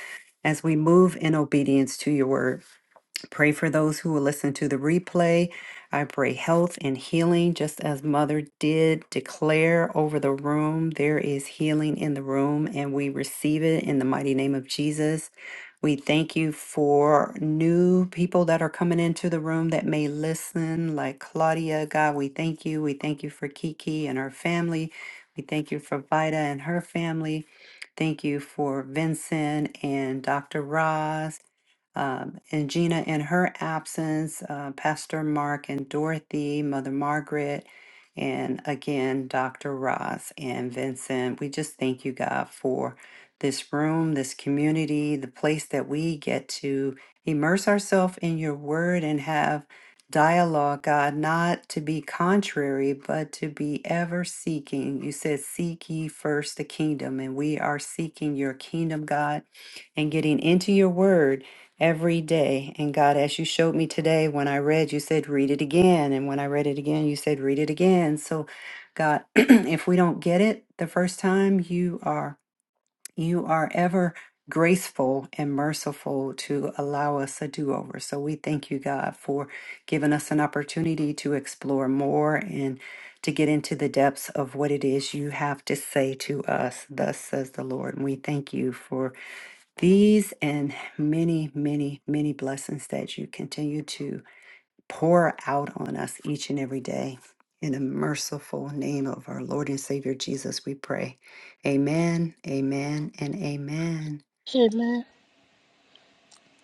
[SPEAKER 3] as we move in obedience to your word. Pray for those who will listen to the replay. I pray health and healing, just as Mother did declare over the room. There is healing in the room, and we receive it in the mighty name of Jesus. We thank you for new people that are coming into the room that may listen, like Claudia. God, we thank you. We thank you for Kiki and her family. We thank you for Vida and her family. Thank you for Vincent and Dr. Roz. Um, and Gina, in her absence, uh, Pastor Mark and Dorothy, Mother Margaret, and again, Dr. Ross and Vincent, we just thank you, God, for this room, this community, the place that we get to immerse ourselves in your word and have dialogue, God, not to be contrary, but to be ever seeking. You said, Seek ye first the kingdom, and we are seeking your kingdom, God, and getting into your word every day. And God, as you showed me today, when I read, you said, read it again. And when I read it again, you said, read it again. So, God, if we don't get it the first time, you are, you are ever graceful and merciful to allow us a do over. So we thank you, God, for giving us an opportunity to explore more and to get into the depths of what it is you have to say to us. Thus says the Lord. And we thank you for these and many, many, many blessings that you continue to pour out on us each and every day. In the merciful name of our Lord and Savior Jesus, we pray. Amen, amen, and amen.
[SPEAKER 1] Amen.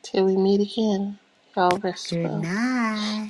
[SPEAKER 1] Till we meet again, y'all rest
[SPEAKER 3] Good
[SPEAKER 1] well.
[SPEAKER 3] night.